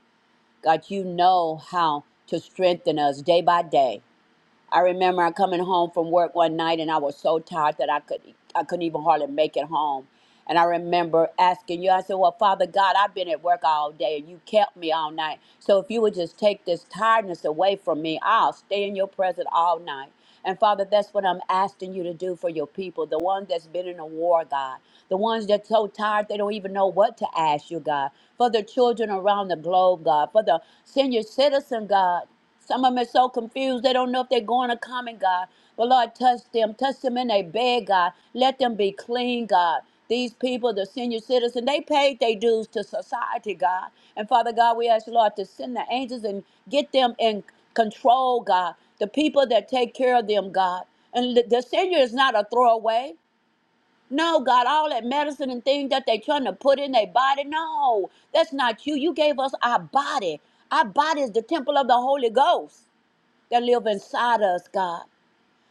God, you know how to strengthen us day by day. I remember I coming home from work one night and I was so tired that I could I couldn't even hardly make it home. And I remember asking you, I said, Well, Father God, I've been at work all day and you kept me all night. So if you would just take this tiredness away from me, I'll stay in your presence all night. And Father, that's what I'm asking you to do for your people, the ones that's been in a war, God, the ones that's so tired they don't even know what to ask you, God, for the children around the globe, God, for the senior citizen, God. Some of them are so confused, they don't know if they're going or coming, God. But Lord, touch them. Touch them in their bed, God. Let them be clean, God. These people, the senior citizen, they paid their dues to society, God. And Father God, we ask, Lord, to send the angels and get them in control, God. The people that take care of them, God. And the the senior is not a throwaway. No, God, all that medicine and things that they trying to put in their body, no, that's not you. You gave us our body. Our body is the temple of the Holy Ghost that live inside us, God.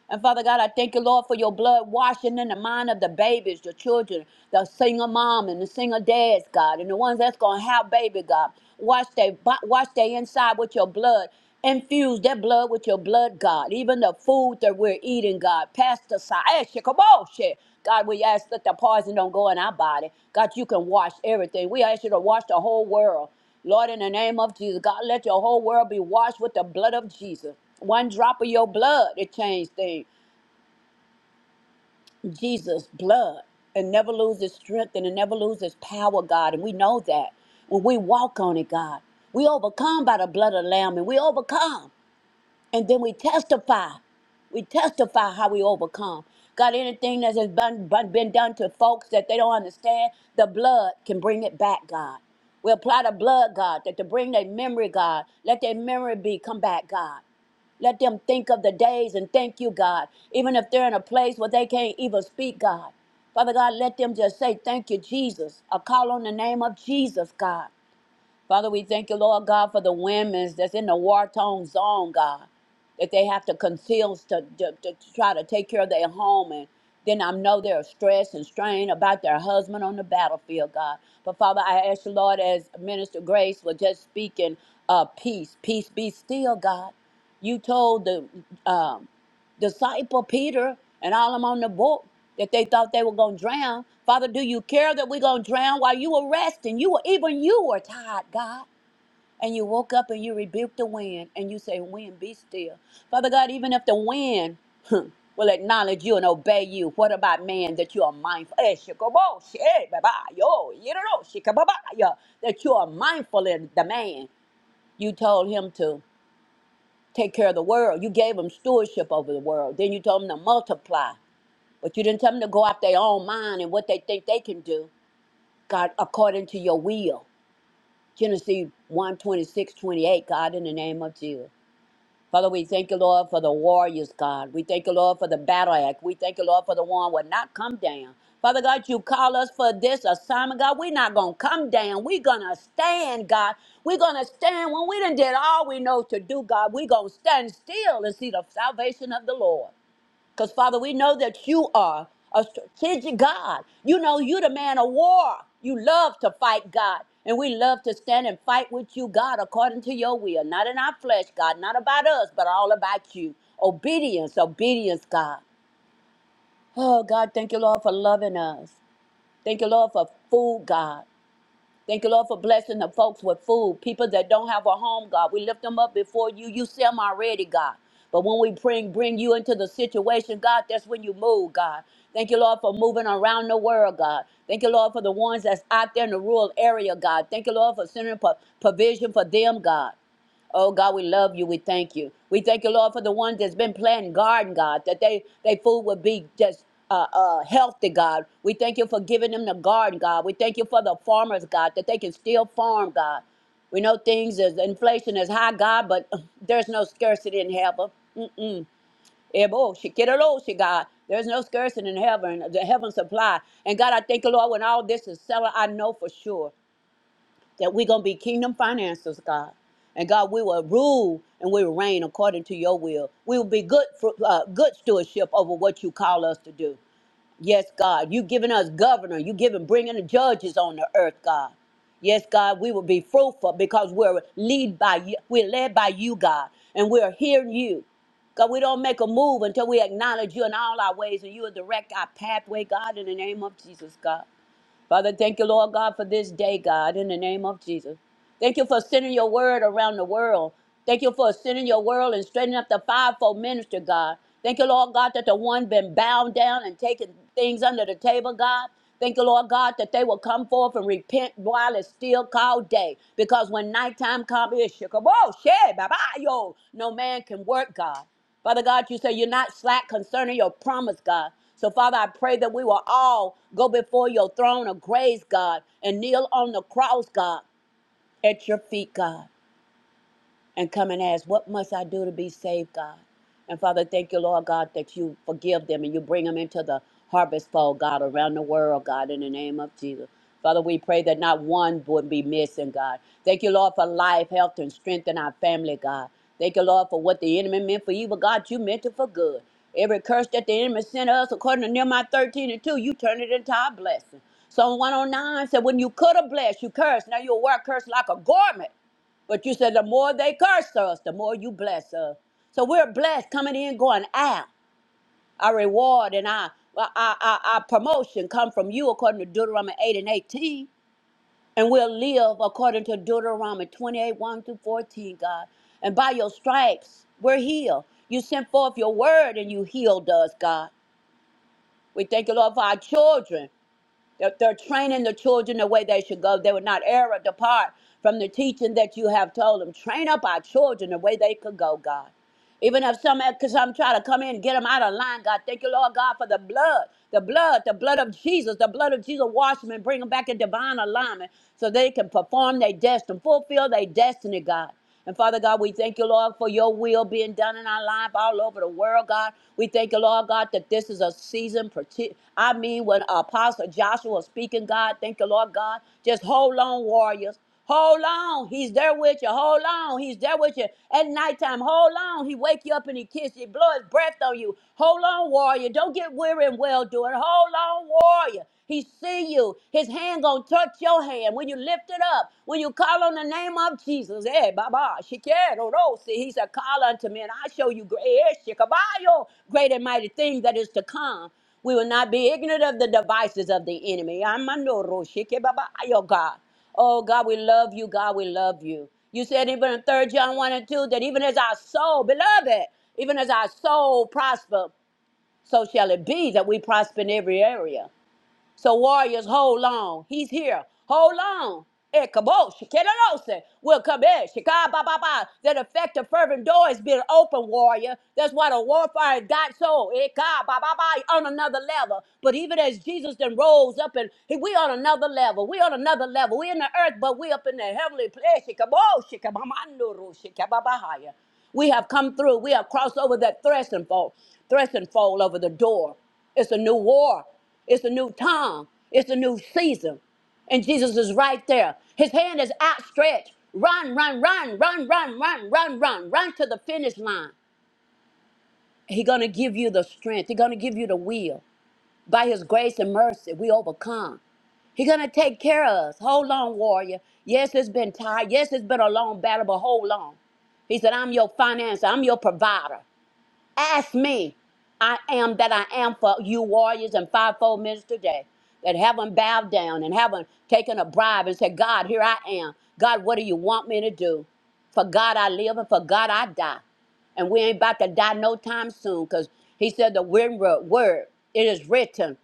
And Father God, I thank you, Lord, for your blood washing in the mind of the babies, the children, the single mom and the single dads, God, and the ones that's gonna have baby, God. Wash they bo- wash they inside with your blood. Infuse that blood with your blood, God. Even the food that we're eating, God. Pesticide. Eh, shikaboshe. God, we ask that the poison don't go in our body. God, you can wash everything. We ask you to wash the whole world. Lord, in the name of Jesus, God, let your whole world be washed with the blood of Jesus. One drop of your blood, it changed things. Jesus' blood. It never loses strength and it never loses power, God. And we know that. When we walk on it, God, we overcome by the blood of the Lamb and we overcome. And then we testify. We testify how we overcome. God, anything that has been, been been done to folks that they don't understand, the blood can bring it back, God. We apply the blood, God, that to bring their memory, God. Let their memory be come back, God. Let them think of the days and thank you, God. Even if they're in a place where they can't even speak, God. Father God, let them just say, Thank you, Jesus. I call on the name of Jesus, God. Father, we thank you, Lord God, for the women that's in the war torn zone, God, that they have to conceal to, to, to try to take care of their home. And then I know they're stressed and strained about their husband on the battlefield, God. But Father, I ask you, Lord, as Minister Grace was just speaking, uh, peace, peace be still, God. You told the um, disciple Peter and all them on the boat that they thought they were going to drown. Father, do you care that we're going to drown while you were resting? You were even you were tired, God. And you woke up and you rebuked the wind and you say, Wind, be still. Father God, even if the wind huh, will acknowledge you and obey you, what about man that you are mindful? Eh, shikabosh, eh, baba, yo, yiddo, shikababa, yo, That you are mindful in the man. You told him to take care of the world. You gave them stewardship over the world. Then you told them to multiply, but you didn't tell them to go out their own mind and what they think they can do. God, according to your will. Genesis one twenty six twenty eight. God, in the name of Jesus. Father, we thank you, Lord, for the warriors, God. We thank you, Lord, for the battle act. We thank you, Lord, for the one will not come down. Father God, you call us for this assignment, God. We're not going to come down. We're going to stand, God. We're going to stand when we done did all we know to do, God. We're going to stand still and see the salvation of the Lord. Because, Father, we know that you are a strategic God. You know, you're the man of war. You love to fight, God. And we love to stand and fight with you, God, according to your will. Not in our flesh, God, not about us, but all about you. Obedience, obedience, God. Oh, God, thank you, Lord, for loving us. Thank you, Lord, for food, God. Thank you, Lord, for blessing the folks with food. People that don't have a home, God, we lift them up before you. You see them already, God. But when we bring bring you into the situation, God, that's when you move, God. Thank you, Lord, for moving around the world, God. Thank you, Lord, for the ones that's out there in the rural area, God. Thank you, Lord, for sending pro- provision for them, God. Oh God, we love you. We thank you. We thank you, Lord, for the ones that's been planting garden, God, that they they food would be just uh, uh, healthy, God. We thank you for giving them the garden, God. We thank you for the farmers, God, that they can still farm, God. We know things is inflation is high, God, but *laughs* uh, there's no scarcity in heaven. Mm-mm. Ebo, shikirolo, shi- God. There's no scarcity in heaven. The heaven supply. And God, I thank you, Lord, when all this is settled, I know for sure that we're going to be kingdom financiers, God. And God, we will rule and we will reign according to your will. We will be good fru- uh, good stewardship over what you call us to do. Yes, God, you giving us governor. You giving bringing the judges on the earth, God. Yes, God, we will be fruitful because we're lead by you. We're led by you, God, and we're hearing you. God, we don't make a move until we acknowledge you in all our ways and you will direct our pathway, God, in the name of Jesus, God. Father, thank you, Lord God, for this day, God, in the name of Jesus. Thank you for sending your word around the world. Thank you for sending your word and straightening up the fivefold ministry, God. Thank you, Lord God, that the one been bound down and taking things under the table, God. Thank you, Lord God, that they will come forth and repent while it's still called day. Because when nighttime comes, it's shikabo, shit, bye bye, yo. No man can work, God. Father God, you say you're not slack concerning your promise, God. So, Father, I pray that we will all go before your throne of grace, God, and kneel on the cross, God, at your feet, God and come and ask, What must I do to be saved, God? And Father, thank you, Lord God, that you forgive them and you bring them into the harvest fold, God, around the world, God, in the name of Jesus. Father, we pray that not one would be missing, God. Thank you, Lord, for life, health, and strength in our family, God. Thank you, Lord, for what the enemy meant for evil, God, you meant it for good. Every curse that the enemy sent us, according to Nehemiah 13 and 2, you turn it into our blessing. Psalm 109 said, When you could have blessed, you cursed. Now you'll wear a curse like a garment. But you said the more they curse us, the more you bless us. So we're blessed coming in, going out. Our reward and our, our, our, our promotion come from you according to Deuteronomy 8 and 18. And we'll live according to Deuteronomy 28, 1 through 14, God. And by your stripes, we're healed. You sent forth your word and you healed us, God. We thank you, Lord, for our children. They're, they're training the children the way they should go. They would not err or depart from the teaching that you have told them. Train up our children the way they could go, God. Even if some, because I'm trying to come in and get them out of line, God. Thank you, Lord God, for the blood, the blood, the blood of Jesus, the blood of Jesus. Wash them and bring them back in divine alignment so they can perform their destiny, fulfill their destiny, God. And Father God, we thank you, Lord, for your will being done in our life all over the world, God. We thank you, Lord God, that this is a season. parti- I mean, when Apostle Joshua was speaking, God, thank you, Lord God. Just hold on, warriors. Hold on, he's there with you. Hold on, he's there with you at nighttime. Hold on, he wake you up and he kiss you, blow his breath on you. Hold on, warrior. Don't get weary and well doing. Hold on, warrior. He see you. His hand gonna touch your hand when you lift it up. When you call on the name of Jesus, eh, Baba, Shikero, see, He said, "Call unto me, and I show you great, eh, Shikabayo, great and mighty things that is to come." We will not be ignorant of the devices of the enemy. Amandoro, Shikebabayo, God. Oh God, we love you. God, we love you. You said even in Third John 1 and 2 that even as our soul, beloved, even as our soul prosper, so shall it be that we prosper in every area. So warriors, hold on. He's here. Hold on. Ekabo, shikerose, will come in. Shika ba ba ba. That effective fervent door has been open, warrior. That's why the warfare got so eka ba ba ba on another level. But even as Jesus then rose up and he, we on another level. We on another level. We in the earth, but we up in the heavenly place. Shikabo, shikabamandoro, shikababahaya. We have come through. We have crossed over that threshing fold, threshing fold over the door. It's a new war. It's a new time. It's a new season. And Jesus is right there. His hand is outstretched. Run, run, run, run, run, run, run, run, run to the finish line. He's going to give you the strength. He's going to give you the will. By his grace and mercy, we overcome. He's going to take care of us. Hold on, warrior. Yes, it's been tired. Yes, it's been a long battle, but hold on. He said, I'm your financer. I'm your provider. Ask me. I am that I am for you warriors and fivefold ministers today that haven't bowed down and haven't taken a bribe and said, God, here I am. God, what do you want me to do? For God I live and for God I die. And we ain't about to die no time soon because he said the written word, word, it is written.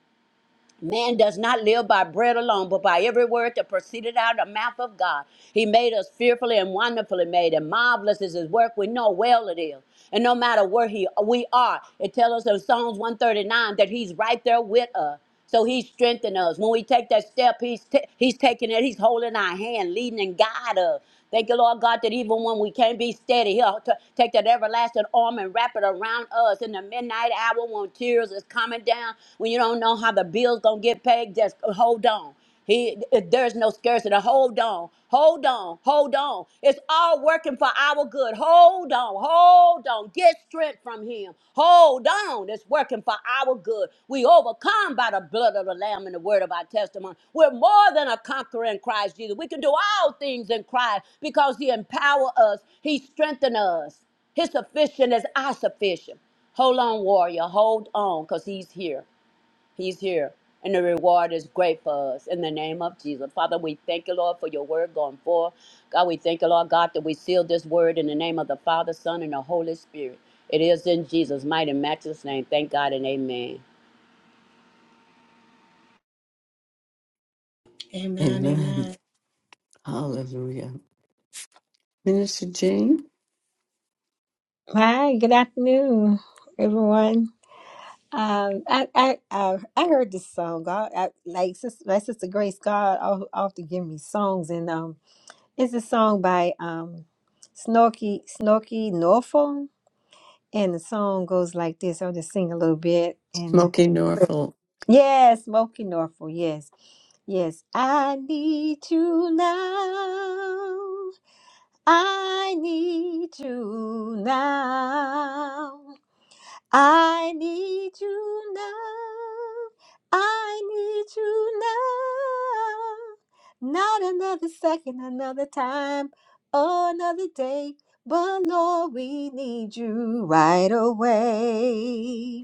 Man does not live by bread alone, but by every word that proceeded out of the mouth of God. He made us fearfully and wonderfully made, and marvelous is His work. We know well it is. And no matter where he, we are, it tells us in Psalms 139 that He's right there with us. So He's strengthening us. When we take that step, He's, t- he's taking it, He's holding our hand, leading and guiding us. Thank you, Lord God, that even when we can't be steady, He'll t- take that everlasting arm and wrap it around us in the midnight hour when tears is coming down, when you don't know how the bill's gonna get paid. Just hold on. He, there's no scarcity. Hold on, hold on, hold on. It's all working for our good. Hold on, hold on go. Get strength from him. Hold on. It's working for our good. We overcome by the blood of the Lamb and the word of our testimony. We're more than a conqueror in Christ Jesus. We can do all things in Christ because he empower us. He strengthen us. His sufficient is our sufficient. Hold on, warrior. Hold on, because he's here. He's here, and the reward is great for us. In the name of Jesus, Father, we thank you, Lord, for your word going forth. God, we thank you, Lord God, that we seal this word in the name of the Father, Son, and the Holy Spirit. It is in Jesus' mighty, and matchless name. Thank God and Amen. Amen. Amen. Hallelujah. Minister Jane, Hi, good afternoon, everyone. Um, I I I, I heard this song. God, I, like sister, my sister Grace, God al- often give me songs, and um, it's a song by um, Snorky Snorky Norfolk, and the song goes like this. I'll just sing a little bit, and Smoky Norfolk. yes, Smoky Norfolk, yes, yes. I need you now. I need you now. I need you now. I need you now. Not another second, another time, or another day. But Lord, we need you right away.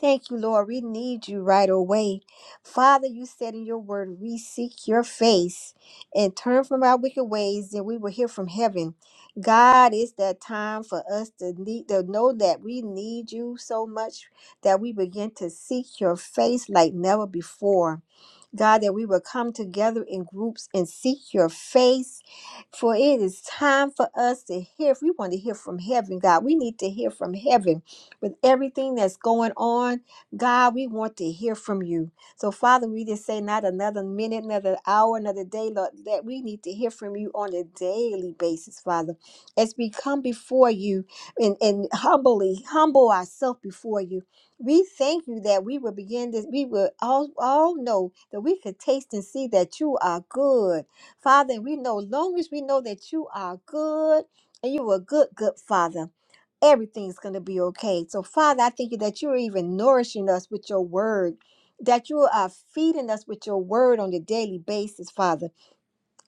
Thank you, Lord. We need you right away. Father, you said in your word, we seek your face and turn from our wicked ways, and we will hear from heaven. God, it's that time for us to need to know that we need you so much that we begin to seek your face like never before. God, that we will come together in groups and seek your face. For it is time for us to hear. If we want to hear from heaven, God, we need to hear from heaven with everything that's going on. God, we want to hear from you. So, Father, we just say not another minute, another hour, another day, Lord, that we need to hear from you on a daily basis, Father. As we come before you and, and humbly humble ourselves before you, we thank you that we will begin this. We will all, all know that we could taste and see that you are good. Father, and we know, long as we know that you are good and you are a good, good Father everything's going to be okay. So, Father, I thank you that you're even nourishing us with your word, that you are feeding us with your word on a daily basis, Father.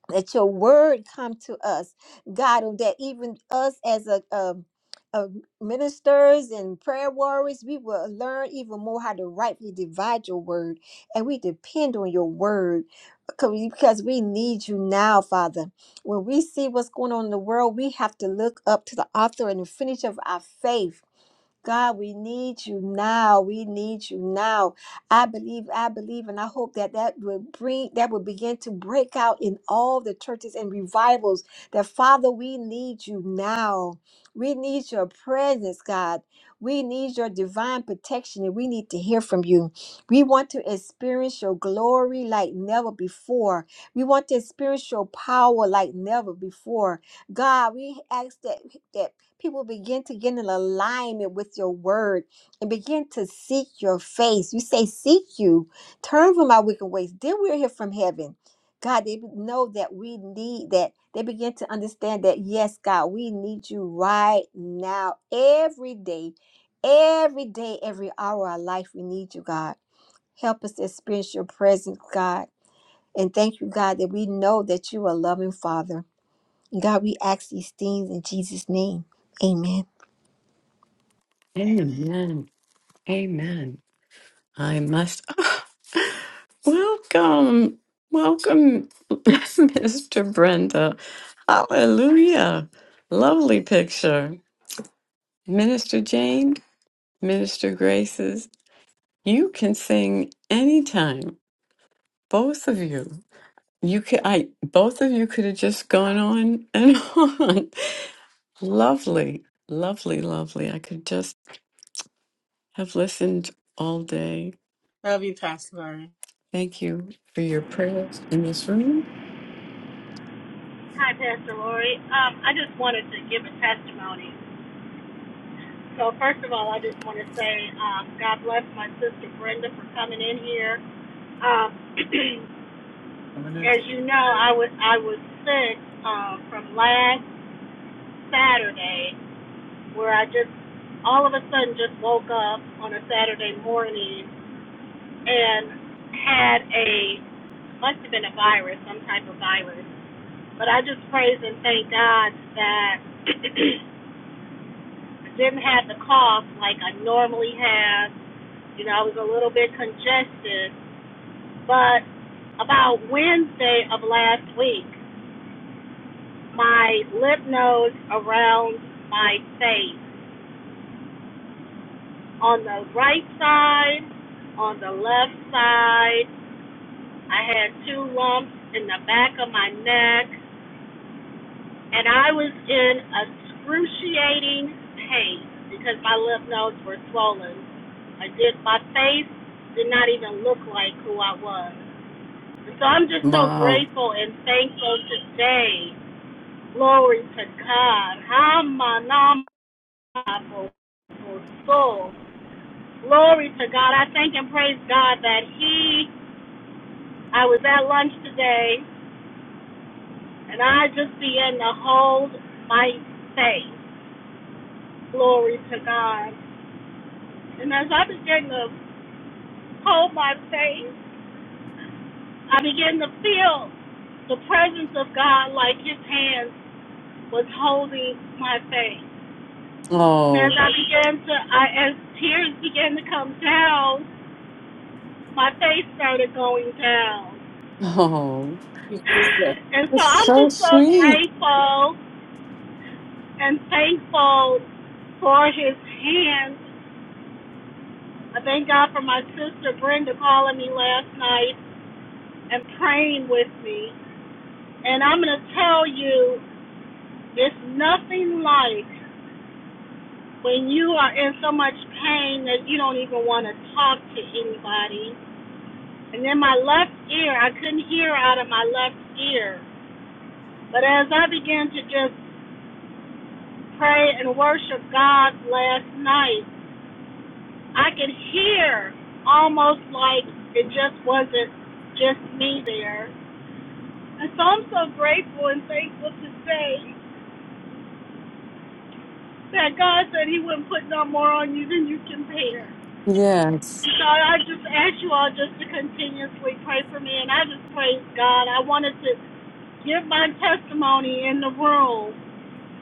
Let your word come to us god and that even us as a, um uh, ministers and prayer warriors we will learn even more how to rightly divide your word and we depend on your word because we because we need you now father when we see what's going on in the world we have to look up to the author and the finish of our faith God, we need you now. We need you now. I believe, I believe, and I hope that that will bring, that will begin to break out in all the churches and revivals. That Father, we need you now. We need your presence, God. We need your divine protection, and we need to hear from you. We want to experience your glory like never before. We want to experience your power like never before. God, we ask that that people begin to get in alignment with your word and begin to seek your face. You say, Seek you, turn from my wicked ways. Then we'll hear from heaven. God, they know that we need that. They begin to understand that, yes, God, we need you right now, every day, every day, every hour of our life. We need you, God. Help us to experience your presence, God. And thank you, God, that we know that you are a loving Father. God, we ask these things in Jesus' name. Amen. Amen. Amen. I must. *gasps* Ah, welcome. Welcome, *laughs* Mr. Brenda. Hallelujah. Lovely picture. Minister Jane, Minister Graces, you can sing anytime. Both of you. You could I both of you could have just gone on and *laughs* on. lovely. Lovely, lovely. I could just have listened all day. Love you, Pastor. Lauren. Thank you for your prayers in this room. Hi, Pastor Lori. Um, I just wanted to give a testimony. So, first of all, I just want to say um, God bless my sister Brenda for coming in here. Um, *clears throat* As you know, I was I was sick um, from last Saturday, where I just all of a sudden just woke up on a Saturday morning and had a must have been a virus, some type of virus. But I just praise and thank God that *clears throat* I didn't have the cough like I normally have. You know, I was a little bit congested, but about Wednesday of last week. my lymph nodes around my face. On the right side, on the left side, I had two lumps in the back of my neck, and I was in excruciating pain because my lymph nodes were swollen. I did my face did not even look like who I was. So I'm just so Wow. grateful and thankful today. Glory to God. God for, for full. Glory to God. I thank and praise God that He, I was at lunch today, and I just began to hold my faith. Glory to God. And as I began to hold my faith, I began to feel the presence of God like His hand was holding my faith. And as Oh. I began to, I, as tears began to come down, my face started going down. Oh. Thank you, Jesus. *laughs* and so That's I'm so just so sweet. grateful and thankful for his hand. I thank God for my sister Brenda calling me last night and praying with me. And I'm going to tell you, it's nothing like when you are in so much pain that you don't even want to talk to anybody. And then my left ear, I couldn't hear out of my left ear. But as I began to just pray and worship God last night, I could hear almost like it just wasn't just me there. And so I'm so grateful and thankful to say that God said He wouldn't put no more on you than you can bear. Yes. So I just ask you all just to continuously pray for me, and I just praise God. I wanted to give my testimony in the room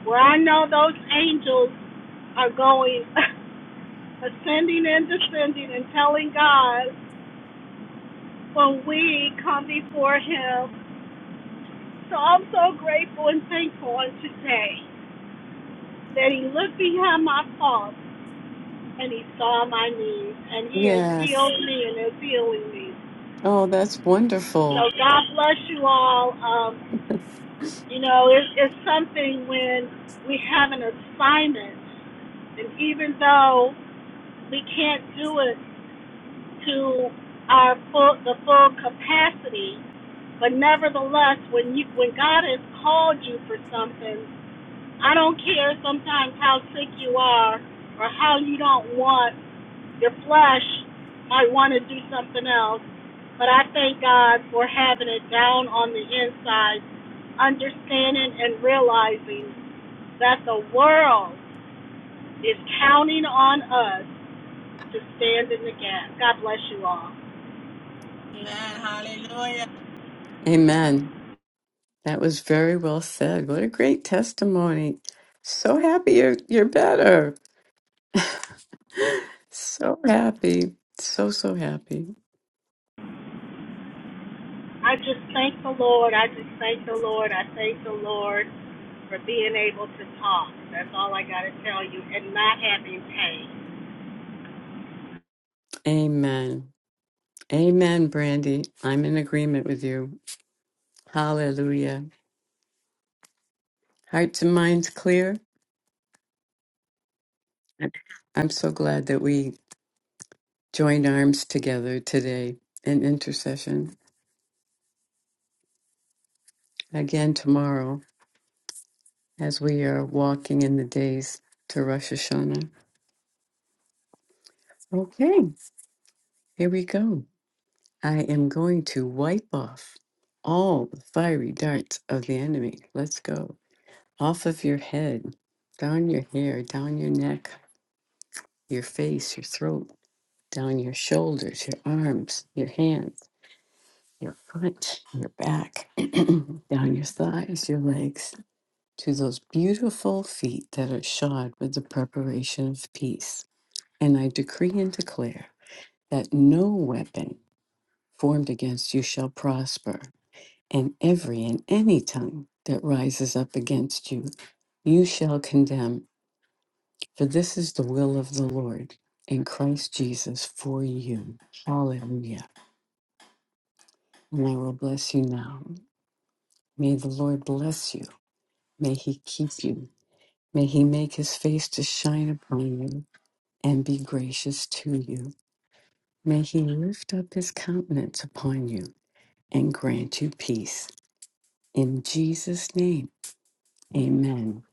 where I know those angels are going *laughs* ascending and descending and telling God when we come before Him So I'm so grateful and thankful on today that he looked behind my faults and he saw my needs and he has Yes. healed me and is healing me. Oh, that's So wonderful. God bless you all. Um, you know, it, it's something when we have an assignment and even though we can't do it to our full the full capacity, but nevertheless when you when God has called you for something I don't care sometimes how sick you are or how you don't want your flesh might want to do something else, but I thank God for having it down on the inside, understanding and realizing that the world is counting on us to stand in the gap. God bless you all. Amen. Hallelujah. Amen. That was very well said. What a great testimony. So happy you're, you're better. *gasps* So happy. So, so happy. I just thank the Lord. I just thank the Lord. I thank the Lord for being able to talk. That's all I got to tell you, and not having pain. Amen. Amen, Brandy. I'm in agreement with you. Hallelujah. Hearts and minds clear. I'm so glad that we joined arms together today in intercession. Again, tomorrow, as we are walking in the days to Rosh Hashanah. Okay, here we go. I am going to wipe off all the fiery darts of the enemy. Let's go. Off of your head, down your hair, down your neck, your face, your throat, down your shoulders, your arms, your hands, your foot, your back, *clears throat* down your thighs, your legs, to those beautiful feet that are shod with the preparation of peace. And I decree and declare that no weapon formed against you shall prosper and every and any tongue that rises up against you, you shall condemn. For this is the will of the Lord in Christ Jesus for you. Hallelujah. And I will bless you now. May the Lord bless you. May he keep you. May he make his face to shine upon you and be gracious to you. May he lift up his countenance upon you and grant you peace. In Jesus' name, amen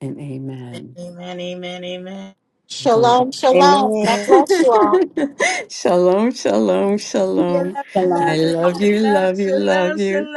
and amen. Amen. Amen. Amen. I'm going to Shalom, shalom. God Amen. *laughs* shalom, shalom, Shalom, shalom. I Shalom. love you, shalom, love you, love shalom, you. shalom.